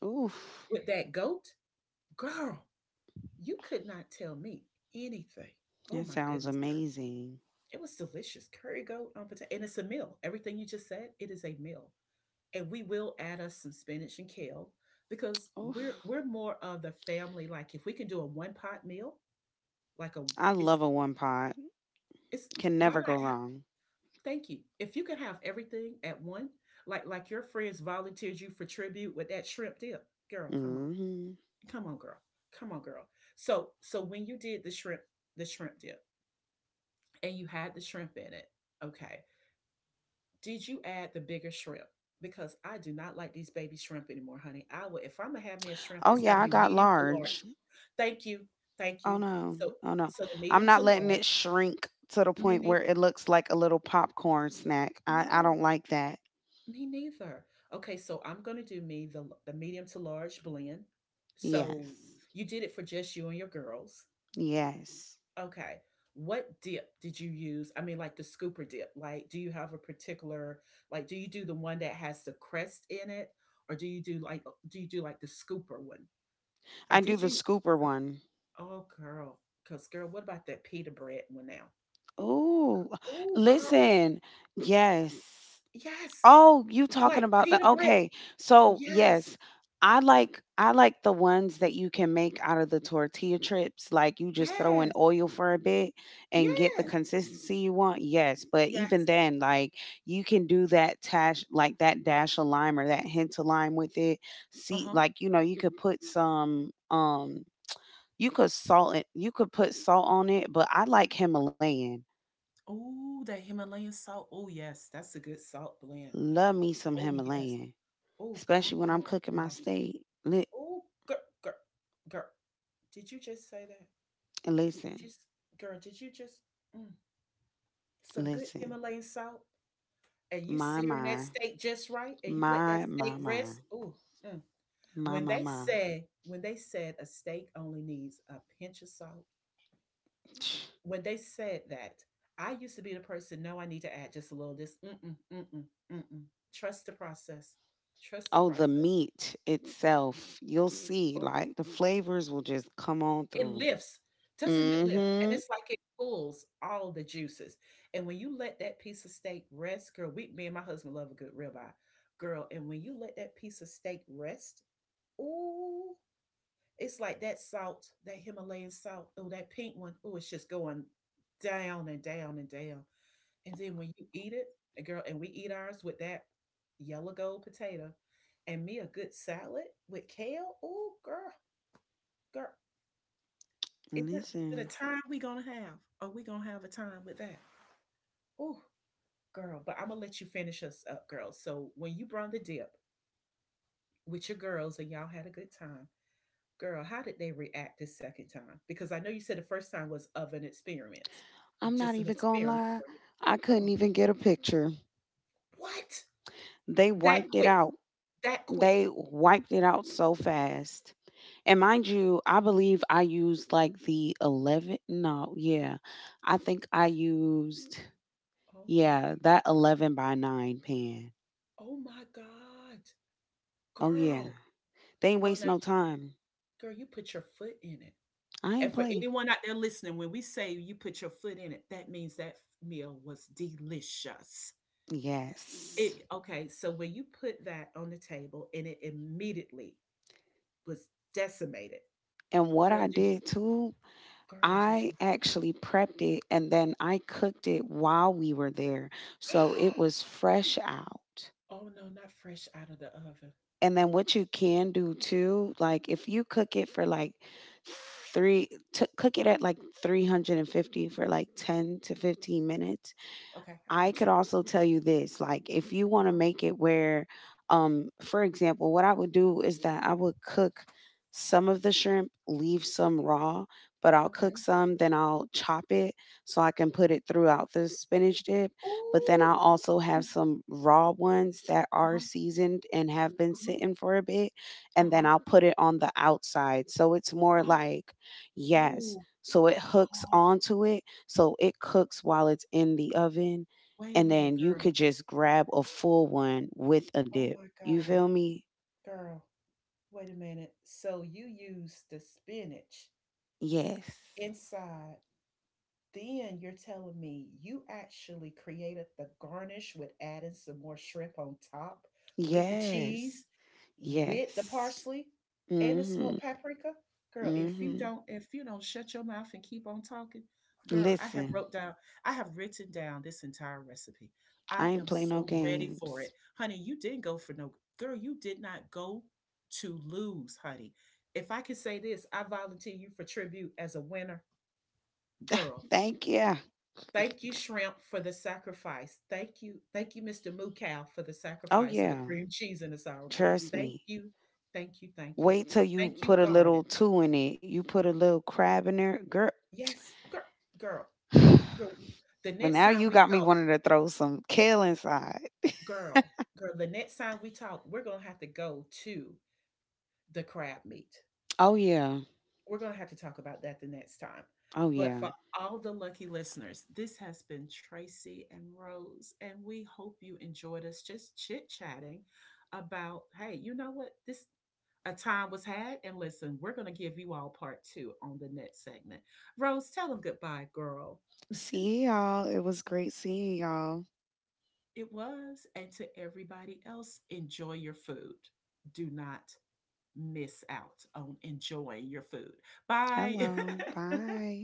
Speaker 2: Oof.
Speaker 1: with that goat. Girl, you could not tell me anything. Oh
Speaker 2: That
Speaker 1: my
Speaker 2: sounds
Speaker 1: goodness, girl.
Speaker 2: amazing.
Speaker 1: It was delicious. Curry goat on potato. And it's a meal. Everything you just said, it is a meal. And we will add us some spinach and kale, because we're
Speaker 2: Oof.
Speaker 1: we're more of the family, like, if we can do a one pot meal, like a,
Speaker 2: I
Speaker 1: it's
Speaker 2: love a one pot.
Speaker 1: it's,
Speaker 2: Can
Speaker 1: why
Speaker 2: never
Speaker 1: not
Speaker 2: go
Speaker 1: have,
Speaker 2: wrong.
Speaker 1: thank you, if you can have everything at one, like your friends volunteered you for tribute with that shrimp dip, girl, come on.
Speaker 2: Hmm.
Speaker 1: Come on, girl. Come on, girl. So, when you did the shrimp dip, and you had the shrimp in it, okay. Did you add the bigger shrimp? Because I do not like these baby shrimp anymore, honey. I will if I'm gonna have me a shrimp,
Speaker 2: Oh
Speaker 1: it's gotta
Speaker 2: yeah, I
Speaker 1: be
Speaker 2: got
Speaker 1: medium to large.
Speaker 2: large.
Speaker 1: Thank you. Thank
Speaker 2: Oh
Speaker 1: you.
Speaker 2: no.
Speaker 1: So
Speaker 2: Oh no.
Speaker 1: the
Speaker 2: I'm
Speaker 1: medium to
Speaker 2: not letting
Speaker 1: large,
Speaker 2: it shrink to the
Speaker 1: me
Speaker 2: point
Speaker 1: neither.
Speaker 2: where it looks like a little popcorn snack. I
Speaker 1: No,
Speaker 2: don't like that.
Speaker 1: me neither. Okay, so I'm gonna do me the medium to large blend.
Speaker 2: Yes.
Speaker 1: So you did it for just you and your girls.
Speaker 2: Yes.
Speaker 1: Okay. What dip did you use? I mean, like the scooper dip. Like, do you have a particular, like, do you do the one that has the crest in it? Or do you do like, do you do like the scooper one? Or
Speaker 2: I do
Speaker 1: did
Speaker 2: the
Speaker 1: you?
Speaker 2: scooper one.
Speaker 1: Oh, girl. Because, girl, what about that pita bread one now?
Speaker 2: Ooh,
Speaker 1: Oh, girl.
Speaker 2: listen. Yes.
Speaker 1: Yes.
Speaker 2: Oh, you talking
Speaker 1: Like
Speaker 2: about the
Speaker 1: pita bread.
Speaker 2: okay. So
Speaker 1: Yes.
Speaker 2: yes, I like the ones that you can make out of the tortilla chips. Like you just throw in
Speaker 1: Yes.
Speaker 2: oil for a bit and get the
Speaker 1: Yes.
Speaker 2: consistency you want. Yes, but even
Speaker 1: Yes.
Speaker 2: then, like you can do that dash, like that dash of lime or that hint of lime with it.
Speaker 1: Uh
Speaker 2: See,
Speaker 1: huh.
Speaker 2: like you know, you could put some you could salt it. You could put salt on it, but I like Himalayan.
Speaker 1: Oh, that Himalayan salt. Oh, yes. That's a good salt blend.
Speaker 2: Love me some
Speaker 1: Oh, yes.
Speaker 2: Himalayan,
Speaker 1: Oh, come
Speaker 2: especially when I'm
Speaker 1: on,
Speaker 2: cooking my
Speaker 1: girl.
Speaker 2: steak.
Speaker 1: Oh, girl, girl, girl. Did you just say that? Did
Speaker 2: Listen,
Speaker 1: you, girl? Did you just mm, some
Speaker 2: listen.
Speaker 1: good Himalayan salt, and you
Speaker 2: My
Speaker 1: searing
Speaker 2: my
Speaker 1: that steak just right, and you let that
Speaker 2: my my
Speaker 1: steak
Speaker 2: my
Speaker 1: rest? Ooh, mm.
Speaker 2: my
Speaker 1: When
Speaker 2: my
Speaker 1: they
Speaker 2: my.
Speaker 1: said a steak only needs a pinch of salt, when they said that, I used to be the person. No, I need to add just a little. Of this, mm mm mm mm mm. Mm. Trust the process. Trust the
Speaker 2: Oh,
Speaker 1: process.
Speaker 2: the meat itself. You'll see, like the flavors will just come on
Speaker 1: It
Speaker 2: through.
Speaker 1: lifts. Doesn't it lift? And
Speaker 2: Mm-hmm.
Speaker 1: it's like it pulls all the juices. And when you let that piece of steak rest, girl, we me and my husband love a good ribeye. Girl, and when you let that piece of steak rest, ooh, it's like that salt, that Himalayan salt, oh, that pink one, oh, it's just going down and down and down. And then when you eat it, and girl, and we eat ours with that yellow gold potato and me a good salad with kale, ooh, girl, girl. Is it the
Speaker 2: Listen,
Speaker 1: time we gonna have? Are we gonna have a time with that? Oh, girl, but I'm gonna let you finish us up, girl. So when you brought the dip with your girls and y'all had a good time, girl, how did they react the second time? Because I know you said the first time was of an experience,
Speaker 2: I'm not
Speaker 1: just an
Speaker 2: even gonna
Speaker 1: experiment
Speaker 2: lie.
Speaker 1: for you.
Speaker 2: I
Speaker 1: Come
Speaker 2: couldn't
Speaker 1: on,
Speaker 2: even get a picture.
Speaker 1: what?
Speaker 2: They
Speaker 1: That
Speaker 2: wiped it
Speaker 1: quick?
Speaker 2: out.
Speaker 1: That quick?
Speaker 2: They wiped it out so fast. And mind you, I believe I used like the 11. No, yeah. I think I used,
Speaker 1: Oh my
Speaker 2: yeah,
Speaker 1: god!
Speaker 2: that 11 by 9 pen.
Speaker 1: Oh my god,
Speaker 2: Oh, yeah.
Speaker 1: girl!
Speaker 2: They ain't
Speaker 1: Oh
Speaker 2: waste
Speaker 1: now,
Speaker 2: no time.
Speaker 1: girl, you put your foot in it.
Speaker 2: I
Speaker 1: And
Speaker 2: ain't
Speaker 1: for
Speaker 2: play.
Speaker 1: anyone out there listening, when we say you put your foot in it, that means that meal was delicious.
Speaker 2: Yes.
Speaker 1: It okay, so when you put that on the table and it immediately was decimated.
Speaker 2: And what
Speaker 1: Girl,
Speaker 2: I
Speaker 1: did
Speaker 2: did too,
Speaker 1: you, girl, what you do?
Speaker 2: I actually prepped it and then I cooked it while we were there. So it was fresh out.
Speaker 1: Oh no, not fresh out of the oven.
Speaker 2: And then what you can do too, like if you cook it for like three, to cook it at like 350 for like 10 to 15 minutes,
Speaker 1: Okay, I
Speaker 2: I
Speaker 1: got
Speaker 2: could
Speaker 1: you.
Speaker 2: also tell you this, like if you want to
Speaker 1: Uh-huh.
Speaker 2: make it where, for example, what I would do is that I would cook some of the shrimp, leave some raw, but I'll cook
Speaker 1: Okay.
Speaker 2: some, then I'll chop it so I can put it throughout the spinach dip. But then I'll
Speaker 1: Ooh.
Speaker 2: also have
Speaker 1: Mm,
Speaker 2: some raw ones that are
Speaker 1: uh-huh.
Speaker 2: seasoned and have been
Speaker 1: Uh-huh.
Speaker 2: sitting for a bit, and then
Speaker 1: Uh-huh.
Speaker 2: I'll put it on the outside. So it's more like, yes.
Speaker 1: Ooh.
Speaker 2: So it hooks
Speaker 1: Oh,
Speaker 2: onto it, so it cooks while it's in the oven
Speaker 1: wait a
Speaker 2: and
Speaker 1: minute,
Speaker 2: then you could
Speaker 1: girl.
Speaker 2: just grab a full one with a
Speaker 1: Oh
Speaker 2: dip.
Speaker 1: my
Speaker 2: You feel
Speaker 1: God,
Speaker 2: me?
Speaker 1: girl. Wait a minute. So you use the spinach
Speaker 2: Yes.
Speaker 1: inside, then you're telling me you actually created the garnish with adding some more shrimp on top with the
Speaker 2: Yes.
Speaker 1: cheese, with the
Speaker 2: Yes.
Speaker 1: parsley and the
Speaker 2: Mhm.
Speaker 1: smoked paprika? Girl, if you
Speaker 2: Mhm.
Speaker 1: don't if you don't shut your mouth and keep on talking, girl,
Speaker 2: Listen,
Speaker 1: I have written down this entire recipe.
Speaker 2: I
Speaker 1: I
Speaker 2: ain't
Speaker 1: am
Speaker 2: play no
Speaker 1: so ready for
Speaker 2: games.
Speaker 1: it. Honey, you didn't go for no girl, you did not go to lose, honey. If I could say this, I volunteer you for tribute as a winner, girl.
Speaker 2: Thank you.
Speaker 1: Thank you, Shrimp, for the sacrifice. Thank you. Thank you, Mr. Moo Cow, for the
Speaker 2: Oh
Speaker 1: sacrifice of the
Speaker 2: yeah.
Speaker 1: cream cheese and the sour cream.
Speaker 2: Trust
Speaker 1: Thank
Speaker 2: me.
Speaker 1: you. Thank you. Thank you.
Speaker 2: Wait till you
Speaker 1: Thank you,
Speaker 2: put a little
Speaker 1: Garden.
Speaker 2: two in it. You put a little crab in there, girl.
Speaker 1: Yes, girl, girl, girl. The
Speaker 2: But
Speaker 1: next
Speaker 2: now
Speaker 1: time
Speaker 2: you
Speaker 1: we
Speaker 2: got me
Speaker 1: talk,
Speaker 2: wanting to throw some kale inside.
Speaker 1: girl, girl, the next time we talk, we're going to have to go to the crab meat.
Speaker 2: Oh yeah.
Speaker 1: We're going to have to talk about that the next time.
Speaker 2: Oh
Speaker 1: But
Speaker 2: yeah.
Speaker 1: for all the lucky listeners, this has been Tracy and Rose, and we hope you enjoyed us just chit chatting about. Hey, you know what? This a time was had, and listen, we're going to give you all part two on the next segment. Rose, tell them goodbye, girl.
Speaker 2: See y'all. It was great seeing y'all.
Speaker 1: It was, and to everybody else, enjoy your food. Do not miss out on enjoying your food. Bye.
Speaker 2: Hello. Bye.